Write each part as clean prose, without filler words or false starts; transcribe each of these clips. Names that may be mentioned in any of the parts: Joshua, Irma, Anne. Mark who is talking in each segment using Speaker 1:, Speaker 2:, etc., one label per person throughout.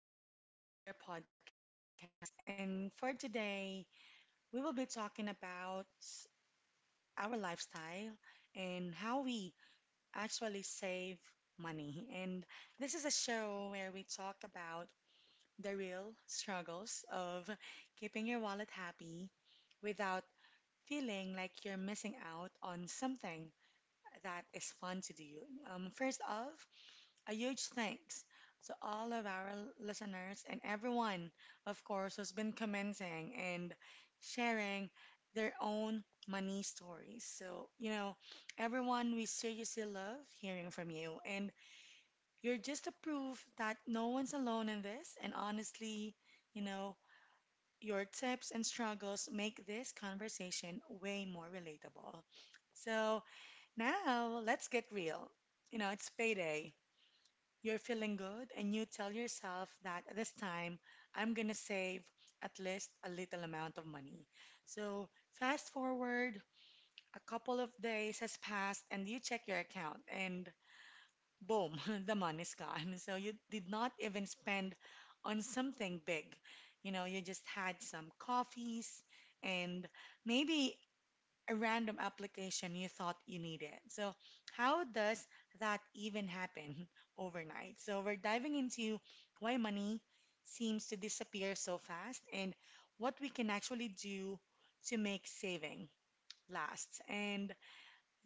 Speaker 1: back to another podcast. And for today, we will be talking about our lifestyle and how we actually save money. And this is a show where we talk about the real struggles of keeping your wallet happy without feeling like you're missing out on something that is fun to do. First off, a huge thanks to all of our listeners and everyone, of course, who's been commenting and sharing their own money stories. So, you know, everyone, we seriously love hearing from you. And you're just a proof that no one's alone in this. And honestly, you know, your tips and struggles make this conversation way more relatable. So now let's get real. You know, it's payday. You're feeling good, and you tell yourself that this time I'm gonna save at least a little amount of money. So, fast forward, a couple of days has passed, and you check your account, and boom, the money's gone. So, you did not even spend on something big. You know, you just had some coffees, and maybe a random application you thought you needed. So, how does that even happen overnight? So, we're diving into why money seems to disappear so fast and what we can actually do to make saving last. And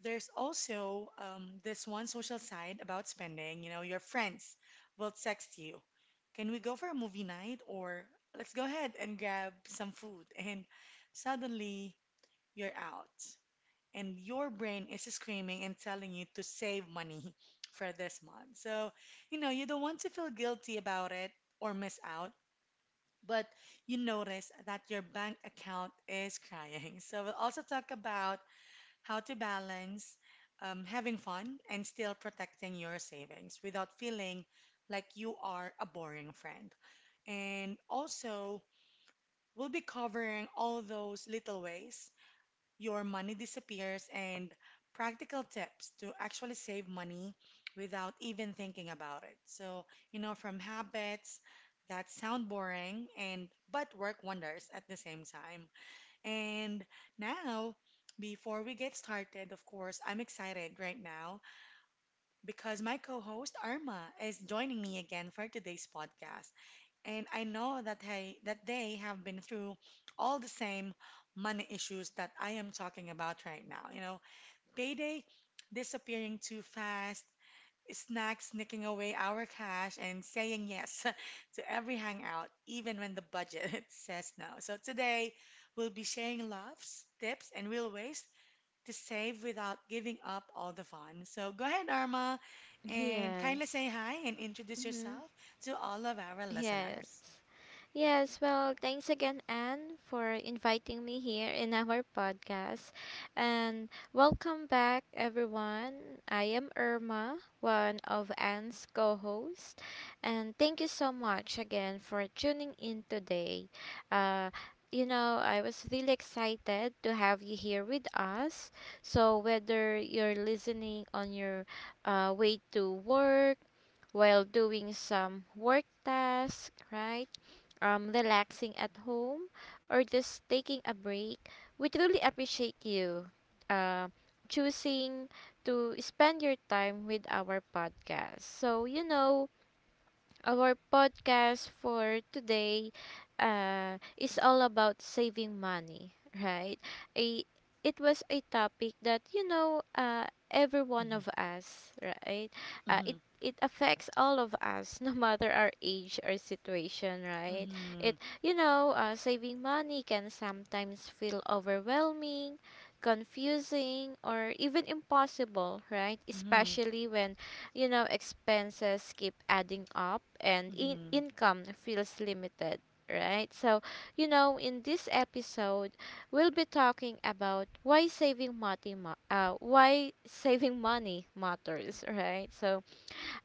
Speaker 1: there's also this one social side about spending. You know, your friends will text you, can we go for a movie night? Or let's go ahead and grab some food. And suddenly, you're out and your brain is screaming and telling you to save money for this month. So, you know, you don't want to feel guilty about it or miss out, but you notice that your bank account is crying. So, we'll also talk about how to balance having fun and still protecting your savings without feeling like you are a boring friend. And also, we'll be covering all those little ways your money disappears, and practical tips to actually save money without even thinking about it. So, you know, from habits that sound boring and but work wonders at the same time. And now, before we get started, of course, I'm excited right now because my co-host Arma is joining me again for today's podcast and I know that hey, that they have been through all the same money issues that I am talking about right now. You know, payday disappearing too fast, snacks sneaking away our cash, and saying yes to every hangout, even when the budget says no. So today, we'll be sharing loves, tips, and real ways to save without giving up all the fun. So go ahead, Arma, and kindly
Speaker 2: Yes.
Speaker 1: say hi and introduce
Speaker 2: Mm-hmm.
Speaker 1: yourself to all of our
Speaker 2: Yes.
Speaker 1: listeners.
Speaker 2: Yes. Well, thanks again, Anne, for inviting me here in our podcast. And welcome back, everyone. I am Irma, one of Anne's co hosts. And thank you so much again for tuning in today. Uh, I was really excited to have you here with us. So, whether you're listening on your way to work, while doing some work task, right? Relaxing at home or just taking a break, we truly appreciate you uh, choosing to spend your time with our podcast. So, you know, our podcast for today is all about saving money, right? I, it was a topic that, you know, every one of us, right? Uh, it,
Speaker 1: Mhm.
Speaker 2: it affects all of us, no matter our age or situation, right? It,
Speaker 1: Mhm.
Speaker 2: you know, saving money can sometimes feel overwhelming, confusing, or even impossible, right?
Speaker 1: Mhm.
Speaker 2: Especially when you know, expenses keep adding up and
Speaker 1: Mhm.
Speaker 2: income feels limited, right? So, you know, in this episode, we'll be talking about why saving money, why saving money matters, right? So,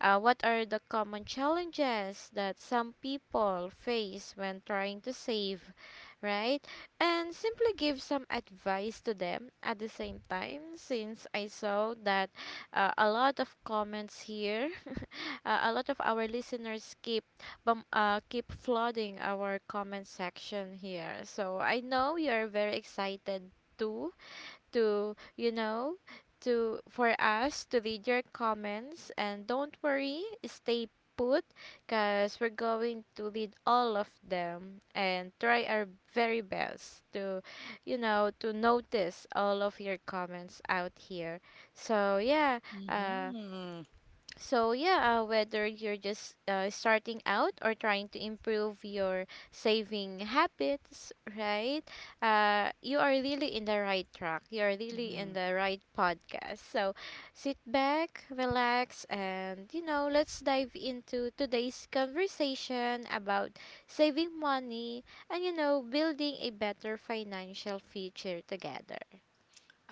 Speaker 2: what are the common challenges that some people face when trying to save, right? And simply give some advice to them at the same time, since I saw that a lot of comments here, a lot of our listeners keep keep flooding our comment section here. So I know you are very excited too to, you know, to for us to read your comments and don't worry, stay put because we're going to read all of them and try our very best to you know to notice all of your comments out here so yeah uh
Speaker 1: Mhm.
Speaker 2: so yeah, whether you're just starting out or trying to improve your saving habits, right? You are really in the right track. You are really in
Speaker 1: Mhm.
Speaker 2: the right podcast. So sit back, relax, and you know, let's dive into today's conversation about saving money and you know, building a better financial future together.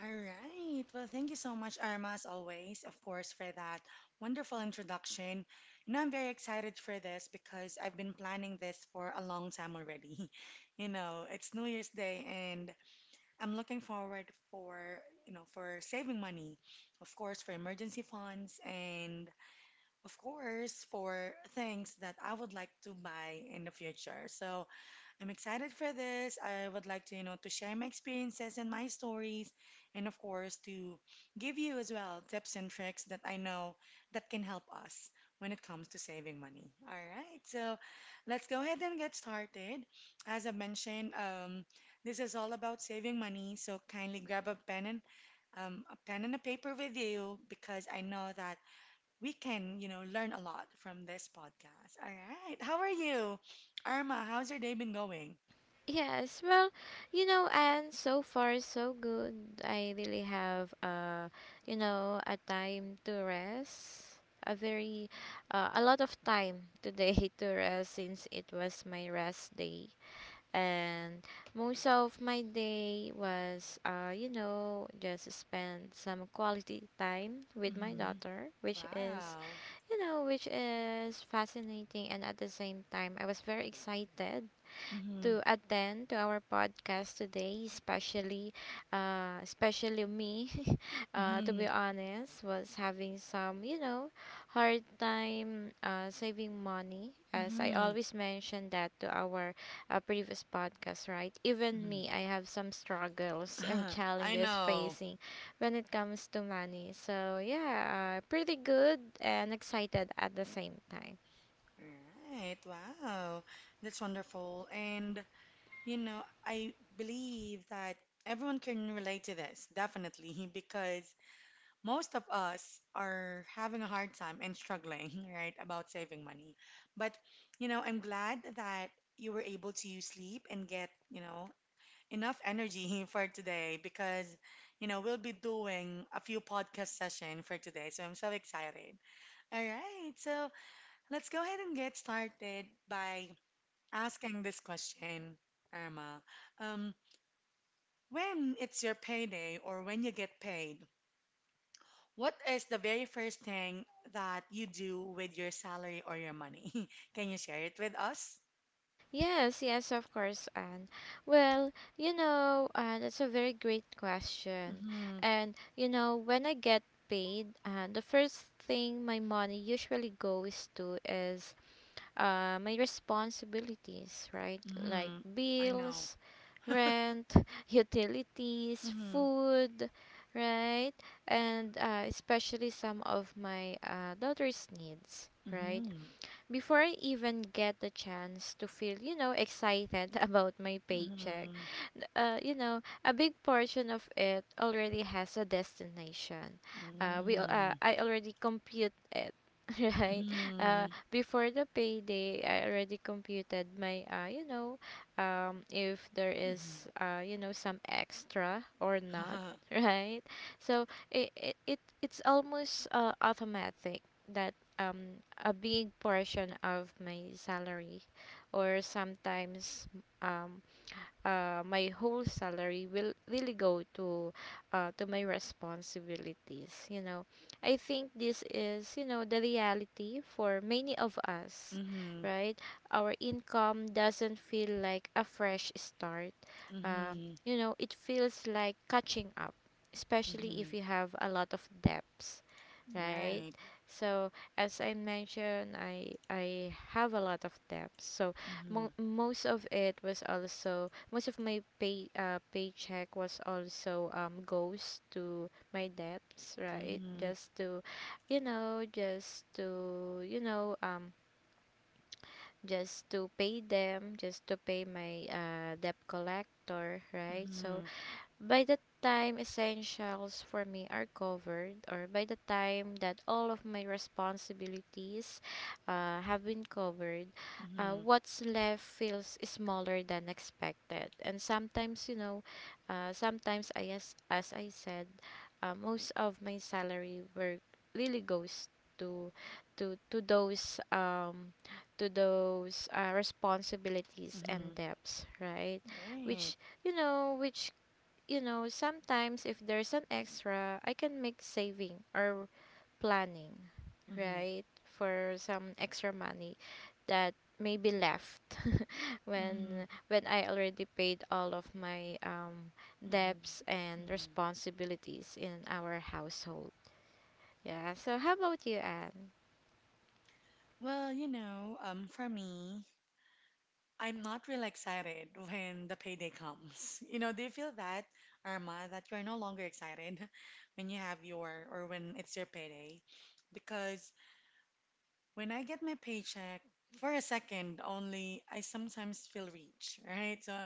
Speaker 1: All right. Well, thank you so much, Arma, as always, of course, for that wonderful introduction. You know, I'm very excited for this because I've been planning this for a long time already. You know, it's New Year's Day, and I'm looking forward for, you know, for saving money, of course, for emergency funds, and of course, for things that I would like to buy in the future. So, I'm excited for this. I would like to, you know, to share my experiences and my stories, and of course, to give you as well tips and tricks that I know that can help us when it comes to saving money. All right, so let's go ahead and get started. As I mentioned, this is all about saving money, so kindly grab a pen and a paper with you because I know that we can, you know, learn a lot from this podcast. All right, how are you? Irma, how's your day been going?
Speaker 2: Yes, well, you know, and so far so good. I really have you know, a time to rest. A very a lot of time today to rest since it was my rest day. And most of my day was you know, just spend some quality time with my
Speaker 1: Mm-hmm.
Speaker 2: daughter, which is,
Speaker 1: Wow.
Speaker 2: you know, which is fascinating and at the same time I was very excited
Speaker 1: Mm-hmm.
Speaker 2: to attend to our podcast today, especially especially me, to be
Speaker 1: Mm-hmm.
Speaker 2: honest was having some, you know, hard time saving money as I
Speaker 1: Mm-hmm.
Speaker 2: always mention that to our previous podcast, right? Even me, I have some struggles and
Speaker 1: Mm-hmm. I
Speaker 2: challenges
Speaker 1: know.
Speaker 2: facing when it comes to money. So, yeah, pretty good and excited at the same time.
Speaker 1: Right. Wow. That's wonderful. And, you know, I believe that everyone can relate to this, definitely, because most of us are having a hard time and struggling, right, about saving money. But, you know, I'm glad that you were able to sleep and get, you know, enough energy for today because you know we'll be doing a few podcast session for today so I'm so excited. All right, so let's go ahead and get started by asking this question, Irma. um, when it's your payday or when you get paid, what is the very first thing that you do with your salary or your money? Can you share it with us?
Speaker 2: Yes, yes, of course, Anne. Well, you know, that's a very great question.
Speaker 1: Mm-hmm.
Speaker 2: And, you know, when I get paid, the first thing my money usually goes to is my responsibilities, right? Like
Speaker 1: Mm-hmm. I know.
Speaker 2: bills, rent, utilities,
Speaker 1: Mm-hmm.
Speaker 2: food, right? And especially some of my daughter's needs, right?
Speaker 1: Mm-hmm.
Speaker 2: Before I even get the chance to feel, you know, excited about my paycheck,
Speaker 1: Mm-hmm.
Speaker 2: you know, a big portion of it already has a destination.
Speaker 1: Mm-hmm.
Speaker 2: I already compute it, right?
Speaker 1: Mhm.
Speaker 2: Before the payday, I already computed my you know, if there
Speaker 1: Mhm.
Speaker 2: is you know, some extra or not, right? So it's almost automatic that a big portion of my salary or sometimes um my whole salary will really go to my responsibilities. You know, I think this is you know the reality for many of us,
Speaker 1: Mhm.
Speaker 2: right? Our income doesn't feel like a fresh start. uh,
Speaker 1: Mhm.
Speaker 2: you know, it feels like catching up, especially if
Speaker 1: Mhm.
Speaker 2: you have a lot of debts, right?
Speaker 1: Right.
Speaker 2: So as I mentioned, I have a lot of debts. So
Speaker 1: Mhm.
Speaker 2: most of it was also most of my paycheck was also goes to my debts, right?
Speaker 1: Mhm.
Speaker 2: Just to, you know, just to you know just to pay them, just to pay my debt collector, right? So
Speaker 1: Mhm.
Speaker 2: by the time essentials for me are covered, or by the time that all of my responsibilities have been covered,
Speaker 1: Mhm.
Speaker 2: what's left feels smaller than expected. And sometimes, you know, as I said, most of my salary work really goes to to to those um those responsibilities and
Speaker 1: Mhm.
Speaker 2: debts, right?
Speaker 1: Right.
Speaker 2: Which you know which you know, sometimes if there's an extra, I can make saving or planning,
Speaker 1: Mhm.
Speaker 2: right? For some extra money that may be left
Speaker 1: Mhm.
Speaker 2: when I already paid all of my
Speaker 1: Mhm.
Speaker 2: debts and
Speaker 1: Mhm.
Speaker 2: responsibilities in our household. Yeah, so how about you, Anne?
Speaker 1: Well, you know, for me, I'm not real excited when the payday comes. You know, do you feel that, Irma, that you're no longer excited when you have your or when it's your payday? Because when I get my paycheck, for a second only, I sometimes feel rich, right? So,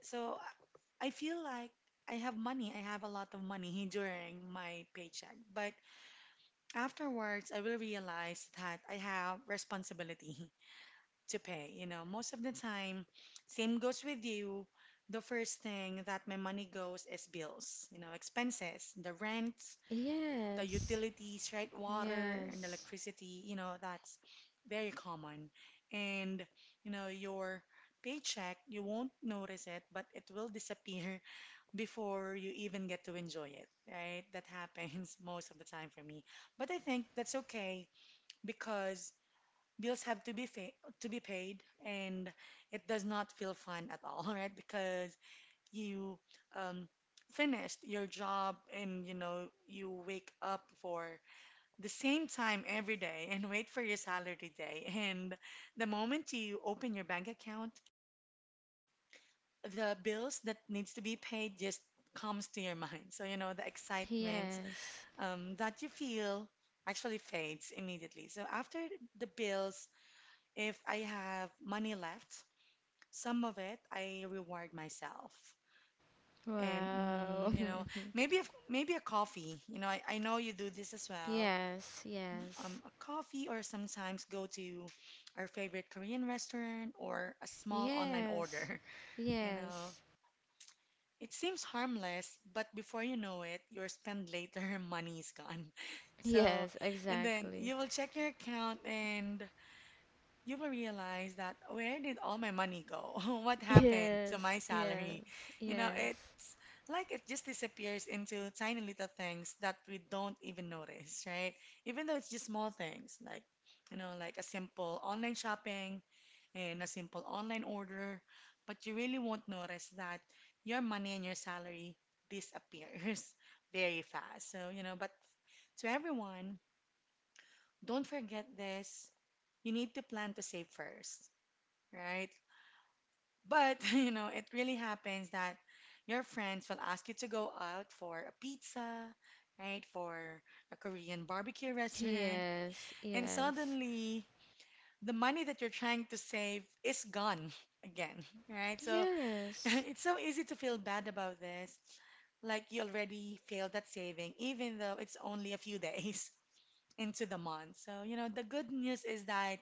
Speaker 1: so I feel like I have money. I have a lot of money during my paycheck. But afterwards, I will realize that I have responsibility to pay. You know, most of the time, same goes with you. The first thing that my money goes is bills, you know, expenses, the rent, the
Speaker 2: Yes.
Speaker 1: utilities, right? Water and
Speaker 2: Yes.
Speaker 1: electricity, you know, that's very common. And, you know, your paycheck, you won't notice it, but it will disappear before you even get to enjoy it, right? That happens most of the time for me. But I think that's okay because bills have to be to be paid and it does not feel fun at all, right? Because you um finished your job and you know you wake up for the same time every day and wait for your salary day. And the moment you open your bank account, the bills that needs to be paid just comes to your mind. So, you know, the excitement
Speaker 2: Yes.
Speaker 1: that you feel actually fades immediately. So after the bills, if I have money left, some of it I reward myself. And
Speaker 2: Wow.
Speaker 1: you know, maybe if, maybe a coffee. You know, I know you do this as well,
Speaker 2: Yes, yes.
Speaker 1: a coffee or sometimes go to our favorite Korean restaurant or a small online
Speaker 2: Yes,
Speaker 1: order. You know,
Speaker 2: yes,
Speaker 1: it seems harmless, but before you know it, your spend later money is gone. So,
Speaker 2: yes,
Speaker 1: and then
Speaker 2: exactly.
Speaker 1: you will check your account and you will realize that where did all my money go? What happened to my
Speaker 2: Yes,
Speaker 1: salary?
Speaker 2: yes,
Speaker 1: You know,
Speaker 2: yes,
Speaker 1: it's like it just disappears into tiny little things that we don't even notice, right? Even though it's just small things, like, you know, like a simple online shopping and a simple online order, but you really won't notice that your money and your salary disappears very fast. So, you know, but to everyone, don't forget this. You need to plan to save first, right? But, you know, it really happens that your friends will ask you to go out for a pizza, right? For a Korean barbecue restaurant.
Speaker 2: yes,
Speaker 1: And
Speaker 2: yes,
Speaker 1: suddenly, the money that you're trying to save is gone again, right? So
Speaker 2: yes,
Speaker 1: it's so easy to feel bad about this. Like you already failed at saving, even though it's only a few days into the month. So, you know, the good news is that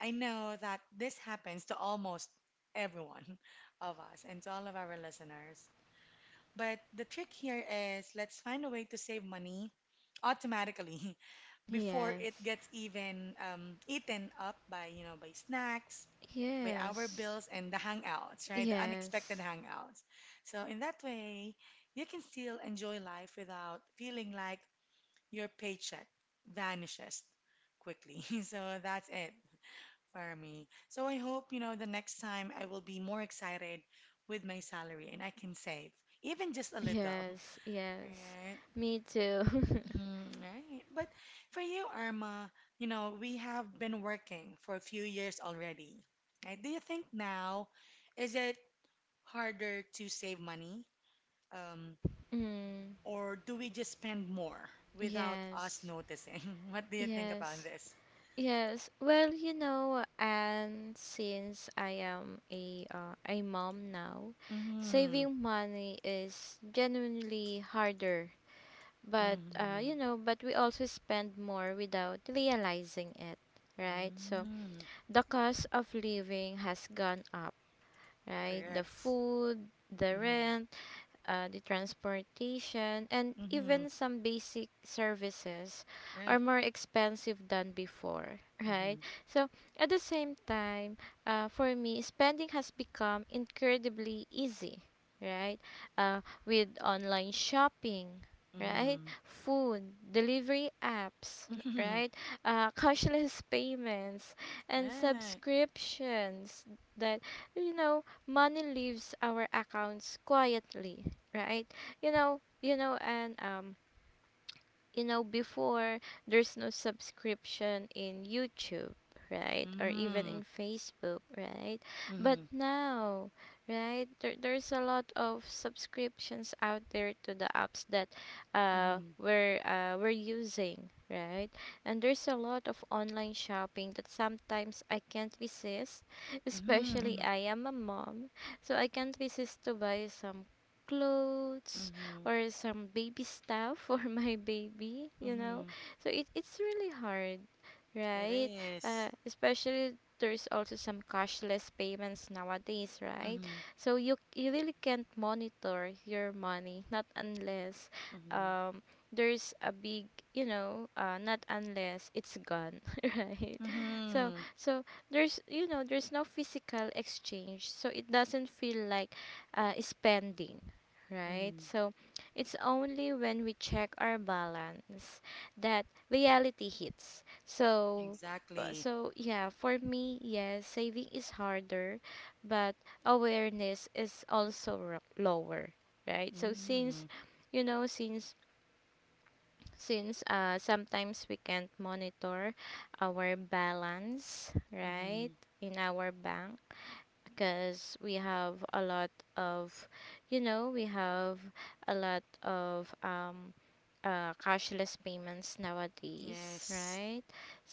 Speaker 1: I know that this happens to almost everyone of us and to all of our listeners. But the trick here is let's find a way to save money automatically before it
Speaker 2: yes,
Speaker 1: gets even eaten up by, you know, by snacks, by our
Speaker 2: yes,
Speaker 1: bills and the hangouts, right? The unexpected
Speaker 2: yes,
Speaker 1: hangouts. So in that way, you can still enjoy life without feeling like your paycheck vanishes quickly. So that's it for me. So I hope, you know, the next time I will be more excited with my salary and I can save, even just a little.
Speaker 2: yes, yes.
Speaker 1: Right?
Speaker 2: Me too.
Speaker 1: Mhm, right. But for you, Irma, you know, we have been working for a few years already. Right? Do you think now, is it harder to save money? Um,
Speaker 2: Mm,
Speaker 1: or do we just spend more without us
Speaker 2: yes,
Speaker 1: noticing? What do you think about
Speaker 2: yes.
Speaker 1: this?
Speaker 2: Yes, well, you know, and since I am a mom now,
Speaker 1: Mm-hmm.
Speaker 2: saving money is genuinely harder. But you
Speaker 1: Mm-hmm.
Speaker 2: know, but we also spend more without realizing it, right? So
Speaker 1: Mm,
Speaker 2: the cost of living has gone up, right? The
Speaker 1: correct.
Speaker 2: food, the
Speaker 1: Mm-hmm.
Speaker 2: rent, the transportation, and
Speaker 1: Mm-hmm.
Speaker 2: even some basic services are
Speaker 1: Right.
Speaker 2: more expensive than before, right?
Speaker 1: Mm-hmm.
Speaker 2: So, at the same time, for me, spending has become incredibly easy, right? With online shopping, right?
Speaker 1: Mm-hmm.
Speaker 2: Food, delivery apps,
Speaker 1: Mm-hmm.
Speaker 2: right? Cashless payments, and
Speaker 1: Right.
Speaker 2: subscriptions that, you know, money leaves our accounts quietly, right? You know, and you know, before there's no subscription in YouTube, right, or even
Speaker 1: Mm-hmm.
Speaker 2: in Facebook, right? But
Speaker 1: Mm-hmm.
Speaker 2: now, right, there's a lot of subscriptions out there to the apps that
Speaker 1: Mm-hmm.
Speaker 2: we're using. Right, and there's a lot of online shopping that sometimes I can't resist, especially
Speaker 1: Mm-hmm.
Speaker 2: I am a mom, so I can't resist to buy some clothes
Speaker 1: Mm-hmm.
Speaker 2: or some baby stuff for my baby, you know.
Speaker 1: Mm-hmm.
Speaker 2: So it's really hard,
Speaker 1: It
Speaker 2: right?
Speaker 1: is.
Speaker 2: Especially there's also some cashless payments nowadays, right?
Speaker 1: Mm-hmm.
Speaker 2: So you really can't monitor your money, not unless
Speaker 1: Mm-hmm.
Speaker 2: um there's a big you know not unless it's gone, right? So
Speaker 1: Mm-hmm.
Speaker 2: so there's you know there's no physical exchange so it doesn't feel like spending, right?
Speaker 1: Mm-hmm.
Speaker 2: So it's only when we check our balance that reality hits. So, uh,
Speaker 1: Exactly.
Speaker 2: so yeah, for me, yes, saving is harder, but awareness is also lower, right? So since,
Speaker 1: Mm-hmm.
Speaker 2: you know, since sometimes we can't monitor our balance, right,
Speaker 1: Mm-hmm.
Speaker 2: in our bank because we have a lot of, you know, we have a lot of cashless payments nowadays,
Speaker 1: Yes.
Speaker 2: right?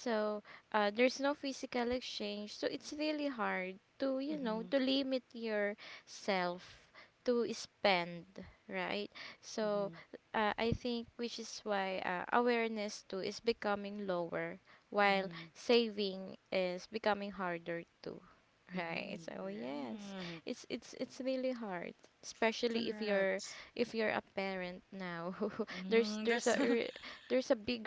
Speaker 2: So there's no physical exchange, so it's really hard to you know
Speaker 1: Mm-hmm.
Speaker 2: to limit yourself to spend, right? So
Speaker 1: Mm-hmm.
Speaker 2: I think which is why awareness too is becoming lower, while
Speaker 1: Mm-hmm.
Speaker 2: saving is becoming harder too. Right.
Speaker 1: Mm-hmm.
Speaker 2: So yes,
Speaker 1: Right.
Speaker 2: it's really hard, especially if
Speaker 1: Correct.
Speaker 2: you're a parent now. There's
Speaker 1: Mm-hmm. There's
Speaker 2: there's a big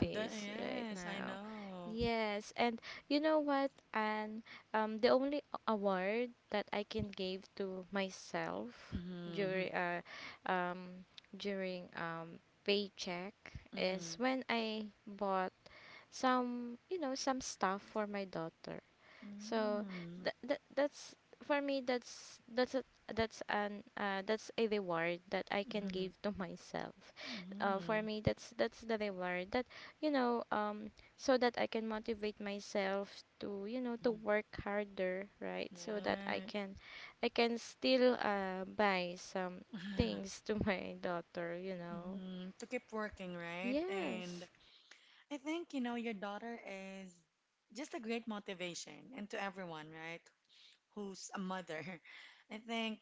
Speaker 1: uh a,
Speaker 2: right
Speaker 1: yes, I
Speaker 2: now.
Speaker 1: know.
Speaker 2: Yes, and you know what, and the only award that I can give to myself
Speaker 1: Mm-hmm.
Speaker 2: during uh um during paycheck is
Speaker 1: Mm-hmm.
Speaker 2: when I bought some you know some stuff for my daughter. So
Speaker 1: Mm,
Speaker 2: that's for me that's that's an that's a reward that I can
Speaker 1: mhm,
Speaker 2: give to myself. For
Speaker 1: mhm,
Speaker 2: me that's the reward that you know so that I can motivate myself to you know to
Speaker 1: mhm.
Speaker 2: work harder, right? So that
Speaker 1: Right.
Speaker 2: I can still buy some things to my daughter you know.
Speaker 1: Mhm, to keep working, right? And
Speaker 2: Yes,
Speaker 1: I think, you know, your daughter is just a great motivation and to everyone, right? Who's a mother. I think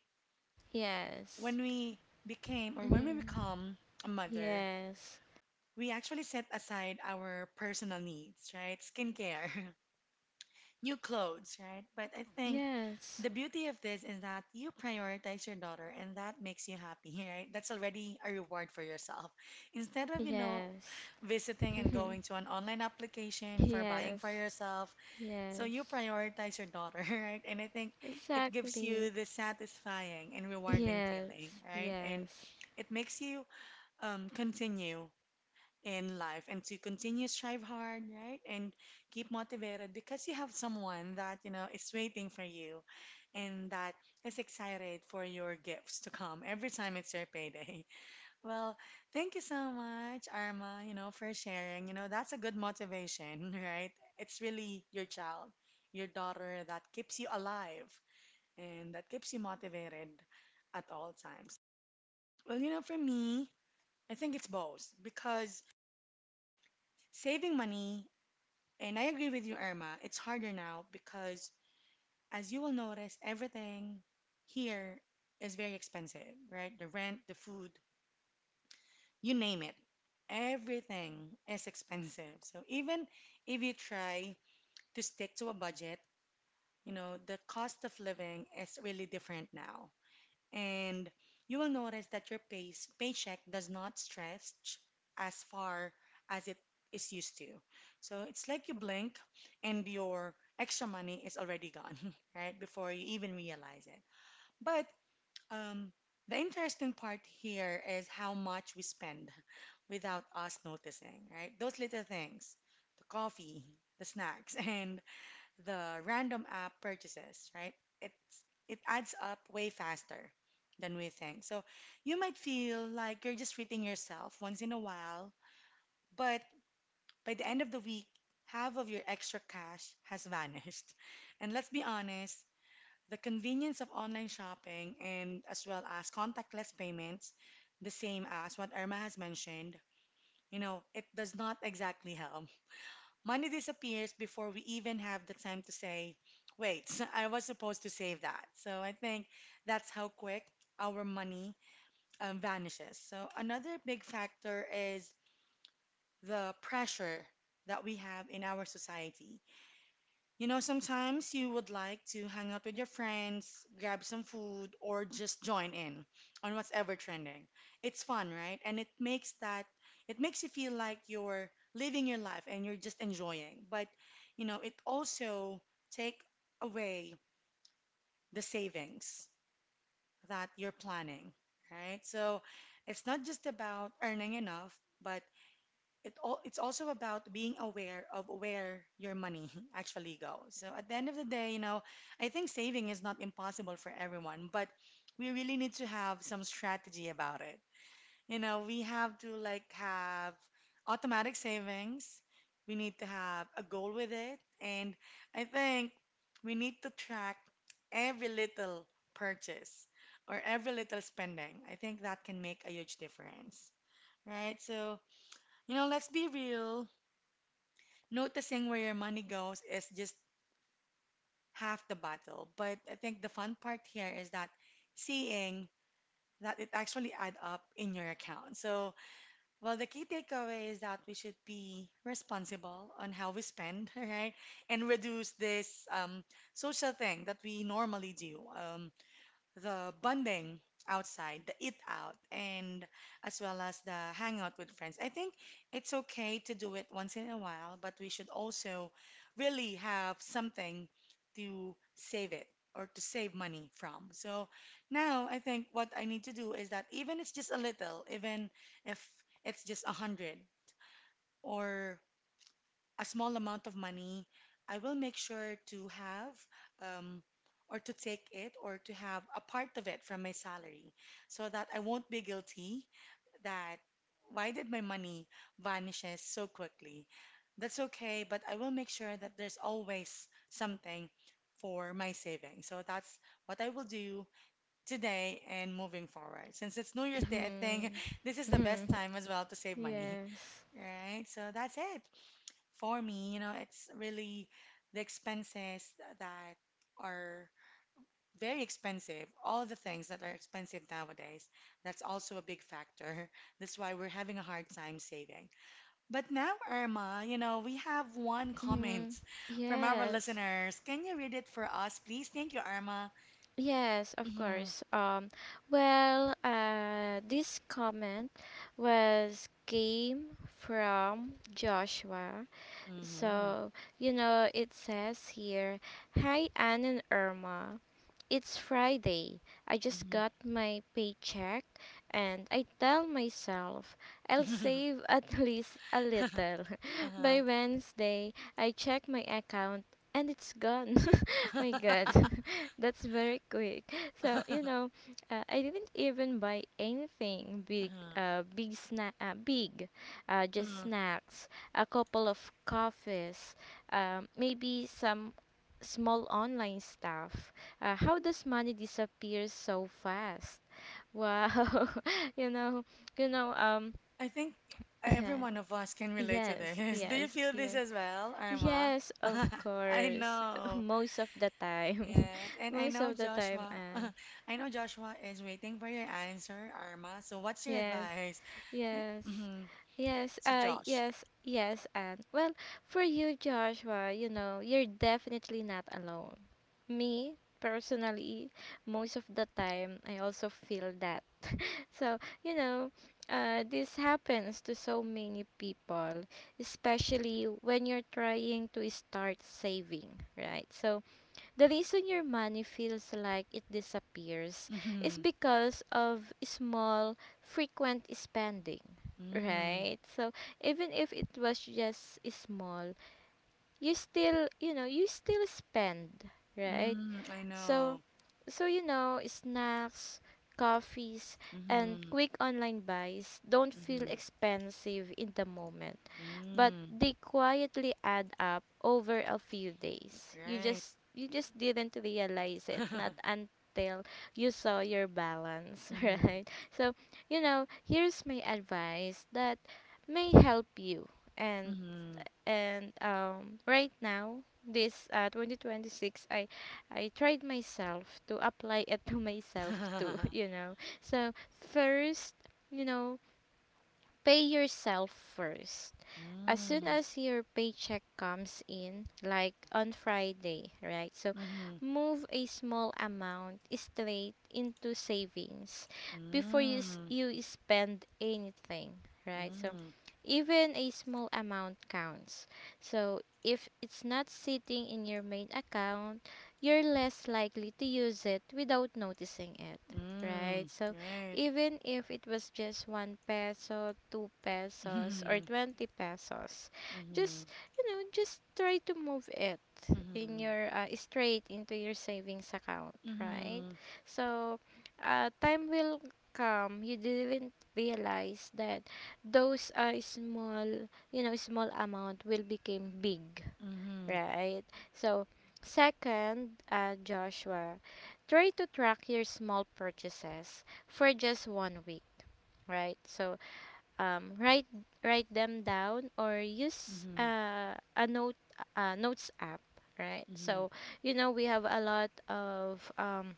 Speaker 2: yes,
Speaker 1: when we became or when we
Speaker 2: mm-hmm.
Speaker 1: become a mother,
Speaker 2: Yes,
Speaker 1: we actually set aside our personal needs, right? Skincare, new clothes, right? But I think
Speaker 2: yes,
Speaker 1: the beauty of this is that you prioritize your daughter and that makes you happy, right? That's already a reward for yourself. Instead of, you know,
Speaker 2: yes.
Speaker 1: visiting and going to an online application for buying for
Speaker 2: Yes,
Speaker 1: yourself, so you
Speaker 2: yes,
Speaker 1: prioritize your daughter, right? And I think it gives
Speaker 2: exactly.
Speaker 1: you the satisfying and rewarding
Speaker 2: Yes,
Speaker 1: feeling, right? And
Speaker 2: yes.
Speaker 1: it makes you continue in life and to continue strive hard, right? And keep motivated because you have someone that, you know, is waiting for you and that is excited for your gifts to come every time it's your payday. Well, thank you so much, Arma, you know, for sharing. You know, that's a good motivation, right? It's really your child, your daughter that keeps you alive and that keeps you motivated at all times. Well, you know, for me, I think it's both because saving money. And I agree with you, Irma. It's harder now because, as you will notice, everything here is very expensive, right? The rent, the food, you name it. Everything is expensive. So even if you try to stick to a budget, you know, the cost of living is really different now, and you will notice that your paycheck does not stretch as far as it is used to. So it's like you blink and your extra money is already gone, right? Before you even realize it. But um, the interesting part here is how much we spend without us noticing, right? Those little things, the coffee, the snacks, and the random app purchases, right? It's it adds up way faster than we think. So you might feel like you're just treating yourself once in a while, but by the end of the week, half of your extra cash has vanished. And let's be honest, the convenience of online shopping and as well as contactless payments, the same as what Irma has mentioned, you know, it does not exactly help. Money disappears before we even have the time to say, wait, I was supposed to save that. So I think that's how quick our money vanishes. So another big factor is the pressure that we have in our society. You know, sometimes you would like to hang out with your friends, grab some food, or just join in on what's ever trending. It's fun, right? And it makes you feel like you're living your life and you're just enjoying. But, you know, it also take away the savings that you're planning, right? So, it's not just about earning enough, but it's also about being aware of where your money actually goes. So at the end of the day, you know, I think saving is not impossible for everyone, but we really need to have some strategy about it. You know, we have to like have automatic savings. We need to have a goal with it, and I think we need to track every little purchase or every little spending. I think that can make a huge difference, right? So, you know, let's be real, noticing where your money goes is just half the battle. But I think the fun part here is that seeing that it actually add up in your account. So, well, the key takeaway is that we should be responsible on how we spend, right? And reduce this social thing that we normally do. The bonding outside, the eat out, and as well as the hangout with friends. I think it's okay to do it once in a while, but we should also really have something to save it or to save money from. So now I think what I need to do is that even it's just a little, even if it's just a hundred or a small amount of money, I will make sure to have um, or to take it or to have a part of it from my salary so that I won't be guilty that why did my money vanishes so quickly? That's okay, but I will make sure that there's always something for my savings. So that's what I will do today and moving forward. Since it's New Year's Day, I think
Speaker 2: Mhm.
Speaker 1: this is the best
Speaker 2: Mhm.
Speaker 1: time as well to save money,
Speaker 2: Yes.
Speaker 1: right? So that's it. For me, you know, it's really the expenses that are very expensive. All the things that are expensive nowadays, that's also a big factor. That's why we're having a hard time saving. But now, Irma, you know, we have one comment
Speaker 2: Mhm.
Speaker 1: from our
Speaker 2: Yes.
Speaker 1: listeners. Can you read it for us, please? Thank you, Irma.
Speaker 2: Yes, of
Speaker 1: Mm-hmm.
Speaker 2: course. Well, this comment was came from Joshua.
Speaker 1: Mm-hmm.
Speaker 2: So, you know, it says here, "Hi Anne and Irma. It's Friday. I just
Speaker 1: Mm-hmm.
Speaker 2: got my paycheck, and I tell myself I'll save at least a little.
Speaker 1: Uh-huh.
Speaker 2: By Wednesday, I check my account and it's gone." My god. That's very quick. So, you
Speaker 1: Uh-huh.
Speaker 2: know, I didn't even buy anything big big snack big just
Speaker 1: Uh-huh.
Speaker 2: snacks, a couple of coffees, maybe some small online stuff. How does money disappear so fast? Wow, you know, you know, um,
Speaker 1: I think every
Speaker 2: yeah,
Speaker 1: one of us can relate to
Speaker 2: yes,
Speaker 1: this. Do you
Speaker 2: yes,
Speaker 1: feel this
Speaker 2: yes,
Speaker 1: as well, Irma?
Speaker 2: yes, of
Speaker 1: I
Speaker 2: course,
Speaker 1: know.
Speaker 2: most of the time,
Speaker 1: Yes, and I
Speaker 2: most
Speaker 1: know
Speaker 2: of the time,
Speaker 1: Joshua.
Speaker 2: and
Speaker 1: I know Joshua is waiting for your answer, Irma. So what's your
Speaker 2: yes,
Speaker 1: advice? Yeah,
Speaker 2: yes,
Speaker 1: mhm,
Speaker 2: yes,
Speaker 1: to Josh.
Speaker 2: yes, yes, and well, for you, Joshua, you know, you're definitely not alone. Me personally, most of the time, I also feel that. So, you know, this happens to so many people, especially when you're trying to start saving, right? So, the reason your money feels like it disappears is
Speaker 1: Mm-hmm.
Speaker 2: because of small, frequent spending,
Speaker 1: Mm,
Speaker 2: right? So, even if it was just small, you still, you still spend, right?
Speaker 1: I
Speaker 2: So,
Speaker 1: know.
Speaker 2: snacks, coffees, and
Speaker 1: Mm-hmm.
Speaker 2: quick online buys don't feel
Speaker 1: Mm-hmm.
Speaker 2: expensive in the moment, but
Speaker 1: Mm,
Speaker 2: they quietly add up over a few days. You
Speaker 1: right.
Speaker 2: just you just didn't realize it, not until you saw your balance,
Speaker 1: Mm-hmm.
Speaker 2: right? So, you know, here's my advice that may help you and
Speaker 1: Mm-hmm.
Speaker 2: and right now, this 2026, I tried myself to apply it to myself too, you know. So first, you know, pay yourself first as soon
Speaker 1: Mm,
Speaker 2: as your paycheck comes in, like on Friday, right? So
Speaker 1: mm-hmm.
Speaker 2: move a small amount straight into savings before you
Speaker 1: Mm,
Speaker 2: you spend anything, right? So
Speaker 1: mm.
Speaker 2: even a small amount counts. So if it's not sitting in your main account, you're less likely to use it without noticing it, right?
Speaker 1: Mm,
Speaker 2: So
Speaker 1: right.
Speaker 2: even if it was just 1 peso, 2 pesos, or
Speaker 1: Mhm,
Speaker 2: 20 pesos.
Speaker 1: mhm,
Speaker 2: Just, you know, just try to move it in
Speaker 1: mhm,
Speaker 2: your straight into your savings account, right?
Speaker 1: mhm,
Speaker 2: So, time will come, you didn't realize that those small, you know, small amount will become big.
Speaker 1: mhm,
Speaker 2: Right. So, second, Joshua, try to track your small purchases for just one week, right? So, um, write write them down or use
Speaker 1: mhm,
Speaker 2: a note, notes app, right? So, you know, we have a lot of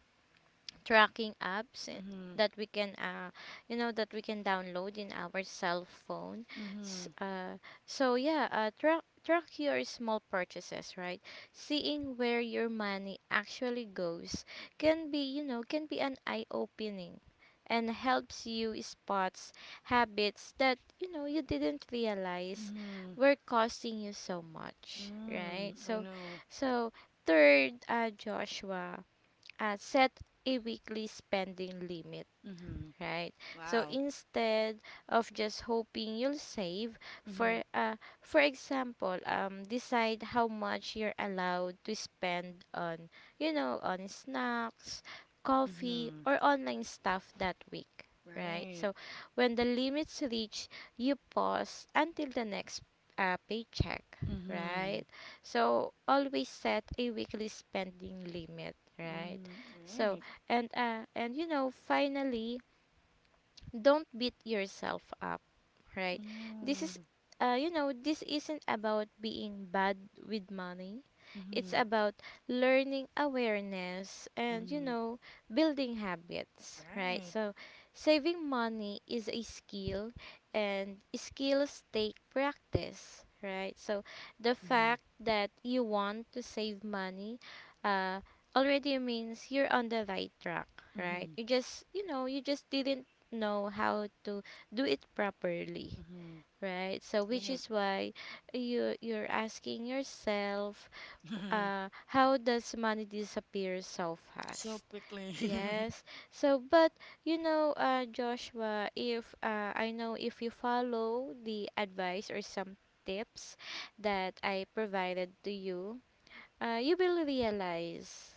Speaker 2: tracking apps,
Speaker 1: mhm,
Speaker 2: that we can you know, that we can download in our cell phone.
Speaker 1: mhm,
Speaker 2: S-
Speaker 1: mhm,
Speaker 2: uh so yeah, track your small purchases, right? Seeing where your money actually goes can be, you know, can be an eye opening, and helps you spots habits that you know you didn't realize
Speaker 1: mhm,
Speaker 2: were costing you so much, right?
Speaker 1: mm, I
Speaker 2: So,
Speaker 1: know.
Speaker 2: so third, Joshua, set a weekly spending limit,
Speaker 1: Mhm.
Speaker 2: right? So
Speaker 1: Wow.
Speaker 2: instead of just hoping you'll save,
Speaker 1: Mhm,
Speaker 2: for example, decide how much you're allowed to spend on, you know, on snacks, coffee,
Speaker 1: mhm.
Speaker 2: or online stuff that week, right?
Speaker 1: Right.
Speaker 2: So when the limits reach, you pause until the next paycheck, right?
Speaker 1: Mhm,
Speaker 2: So always set a weekly spending limit, right?
Speaker 1: mm,
Speaker 2: So
Speaker 1: right.
Speaker 2: and you know, finally, don't beat yourself up, right? This is
Speaker 1: Mhm,
Speaker 2: you know, this isn't about being bad with money, it's
Speaker 1: mhm,
Speaker 2: about learning awareness and, you
Speaker 1: mhm,
Speaker 2: know, building habits, right?
Speaker 1: right.
Speaker 2: So saving money is a skill, and skills take practice, right? So the
Speaker 1: Mhm,
Speaker 2: fact that you want to save money, uh, already means you're on the right track, right?
Speaker 1: mhm,
Speaker 2: You just, you know, you just didn't know how to do it properly,
Speaker 1: mhm,
Speaker 2: right? So which
Speaker 1: right.
Speaker 2: is why you're asking yourself, how does money disappear so
Speaker 1: So
Speaker 2: fast?
Speaker 1: quickly.
Speaker 2: Yes. So but you know, Joshua, if I know if you follow the advice or some tips that I provided to you, you will realize,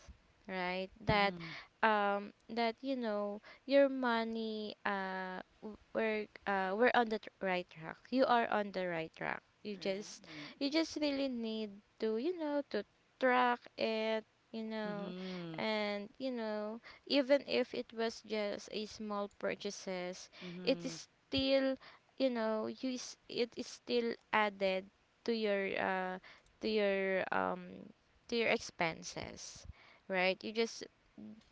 Speaker 2: right, that
Speaker 1: Mhm,
Speaker 2: that you know, your money, we're on the right track, you are on the right track, you just,
Speaker 1: right.
Speaker 2: you just really need to, you know, to track it, you know.
Speaker 1: Mhm,
Speaker 2: And you know, even if it was just a small purchases, it
Speaker 1: mhm.
Speaker 2: is still, you know, it is still added to your to your to your expenses, right? You just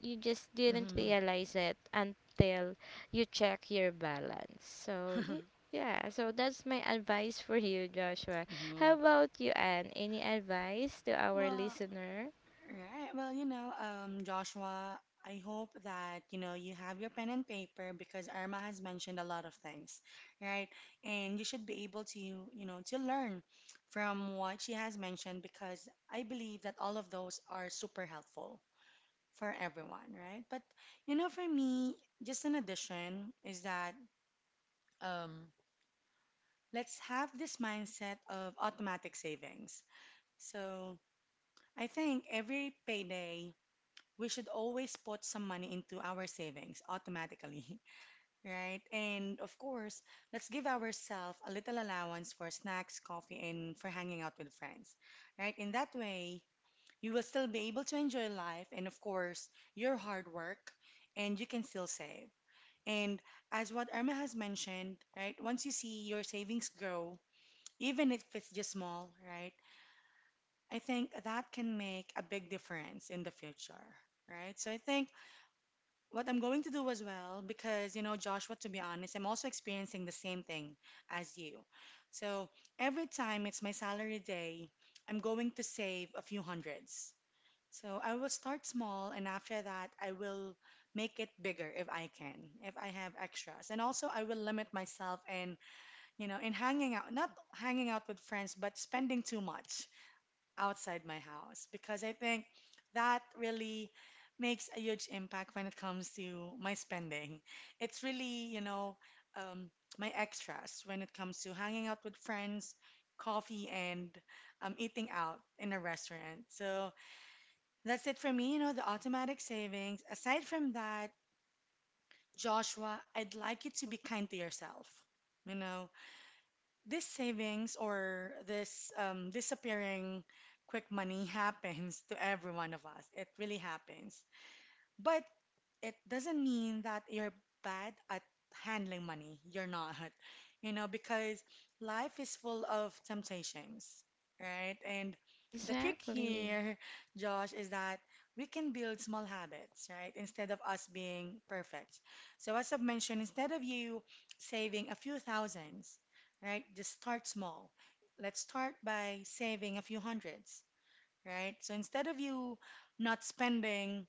Speaker 2: you just didn't
Speaker 1: Hmm.
Speaker 2: realize it until you check your balance. So yeah, so that's my advice for you, Joshua. How
Speaker 1: Hmm.
Speaker 2: about you, Anne? Any advice to our
Speaker 1: Well,
Speaker 2: listener?
Speaker 1: right. Well, you know, Joshua, I hope that, you know, you have your pen and paper because Irma has mentioned a lot of things, right? And you should be able to, you know, to learn from what she has mentioned because I believe that all of those are super helpful for everyone, right? But, you know, for me, just an addition is that um, let's have this mindset of automatic savings. So, I think every payday, we should always put some money into our savings automatically, right? And of course, let's give ourselves a little allowance for snacks, coffee, and for hanging out with friends, right? In that way, you will still be able to enjoy life and, of course, your hard work, and you can still save. And as what Irma has mentioned, right, once you see your savings grow, even if it's just small, right? I think that can make a big difference in the future, right? So I think what I'm going to do as well, because, you know, Joshua, to be honest, I'm also experiencing the same thing as you. So every time it's my salary day, I'm going to save a few hundreds. So I will start small, and after that, I will make it bigger if I can, if I have extras. And also, I will limit myself in, you know, in hanging out, not hanging out with friends, but spending too much outside my house because I think that really makes a huge impact when it comes to my spending. It's really, you know, um, my extras when it comes to hanging out with friends, coffee, and eating out in a restaurant. So that's it for me, you know, the automatic savings. Aside from that, Joshua, I'd like you to be kind to yourself. You know, this savings or this disappearing quick money happens to every one of us. It really happens. But it doesn't mean that you're bad at handling money. You're not, you know, because life is full of temptations, right? And the trick
Speaker 2: Exactly.
Speaker 1: here, Josh, is that we can build small habits, right? Instead of us being perfect. So, as I've mentioned, instead of you saving a few thousands, right, just start small. Let's start by saving a few hundreds, right? So, instead of you not spending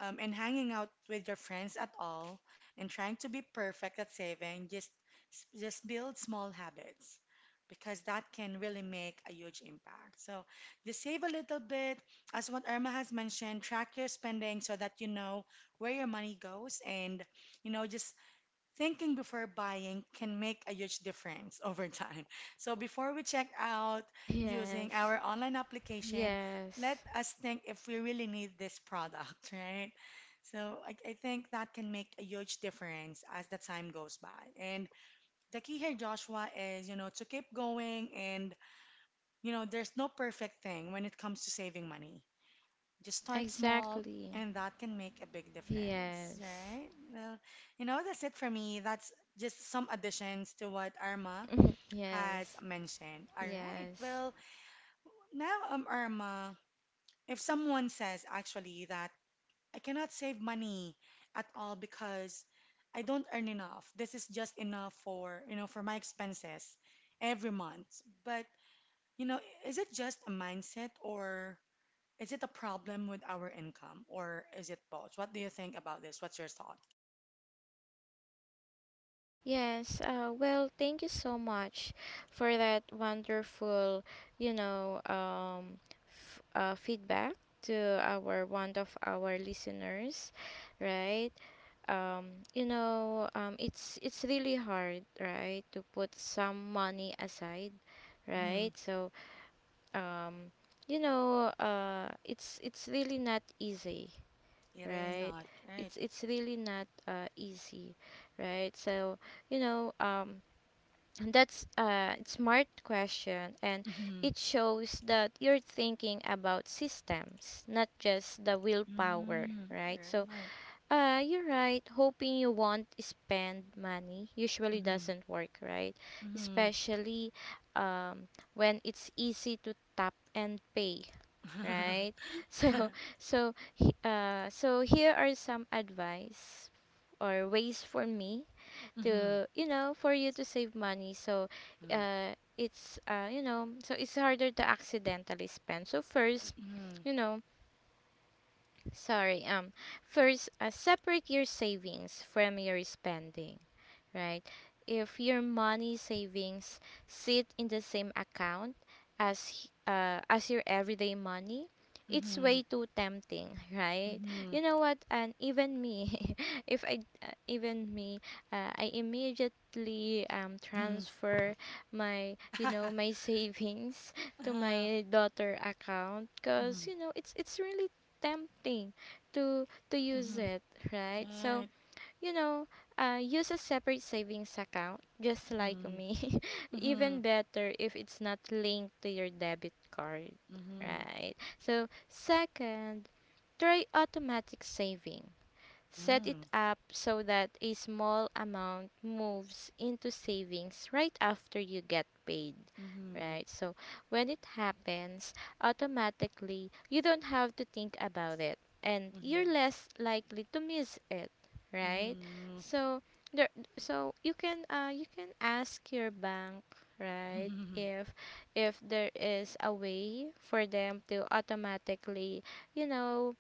Speaker 1: and hanging out with your friends at all and trying to be perfect at saving, just build small habits because that can really make a huge impact. So just save a little bit. As what Irma has mentioned, track your spending so that you know where your money goes, and you know, just thinking before buying can make a huge difference over time. So before we check out using
Speaker 2: Yes.
Speaker 1: our online application, let
Speaker 2: Yes.
Speaker 1: us think if we really need this product, right? So I think that can make a huge difference as the time goes by. And the key here, Joshua, is, you know, to keep going and, you know, there's no perfect thing when it comes to saving money. Just start small,
Speaker 2: Exactly.
Speaker 1: and that can make a big difference,
Speaker 2: Yes.
Speaker 1: right? Well, you know, that's it for me. That's just some additions to what Irma has
Speaker 2: Yes.
Speaker 1: mentioned. All right.
Speaker 2: Yes.
Speaker 1: Well, now, Irma, if someone says actually that I cannot save money at all because I don't earn enough, this is just enough for, you know, for my expenses every month. But, you know, is it just a mindset or is it a problem with our income or is it both? What do you think about this? What's your thought?
Speaker 2: Yes, well, thank you so much for that wonderful, you know, f feedback to our one of our listeners, right? You know, it's really hard, right, to put some money aside,
Speaker 1: Mm-hmm.
Speaker 2: right? So, um, you know, it's really not easy,
Speaker 1: It is
Speaker 2: right?
Speaker 1: not, right?
Speaker 2: It's really not easy, right? So, you know, that's a smart question, and
Speaker 1: Mm-hmm.
Speaker 2: it shows that you're thinking about systems, not just the willpower,
Speaker 1: Mm-hmm.
Speaker 2: right? So,
Speaker 1: Right.
Speaker 2: you're right. Hoping you won't spend money usually
Speaker 1: Mm-hmm.
Speaker 2: doesn't work, right?
Speaker 1: Mm-hmm.
Speaker 2: Especially when it's easy to tap and pay, right? So, so here are some advice or ways for me
Speaker 1: Mm-hmm.
Speaker 2: to, you know, for you to save money. So it's you know, so it's harder to accidentally spend. So first,
Speaker 1: Mm-hmm.
Speaker 2: you know, sorry, first, separate your savings from your spending, right? If your money savings sit in the same account as your everyday money, it's
Speaker 1: Mm-hmm.
Speaker 2: way too tempting, right?
Speaker 1: Mm-hmm.
Speaker 2: You know what? And even me, if I even me, I immediately
Speaker 1: Mm-hmm.
Speaker 2: transfer my, you know, my savings to
Speaker 1: Uh-huh.
Speaker 2: my daughter account, because
Speaker 1: Mhm,
Speaker 2: you know it's really tempting to use
Speaker 1: mhm.
Speaker 2: it, right? So
Speaker 1: Right.
Speaker 2: you know, use a separate savings account, just like
Speaker 1: Mhm,
Speaker 2: me. Even
Speaker 1: mhm,
Speaker 2: better if it's not linked to your debit card,
Speaker 1: mhm,
Speaker 2: right? So, second, try automatic saving, set it
Speaker 1: mm,
Speaker 2: up so that a small amount moves into savings right after you get paid,
Speaker 1: mhm, mhm,
Speaker 2: right? So when it happens, automatically, you don't have to think about it, and you're
Speaker 1: mhm,
Speaker 2: less likely to miss it, right?
Speaker 1: mhm,
Speaker 2: So there so you can ask your bank, right? If there is a way for them to automatically, you know,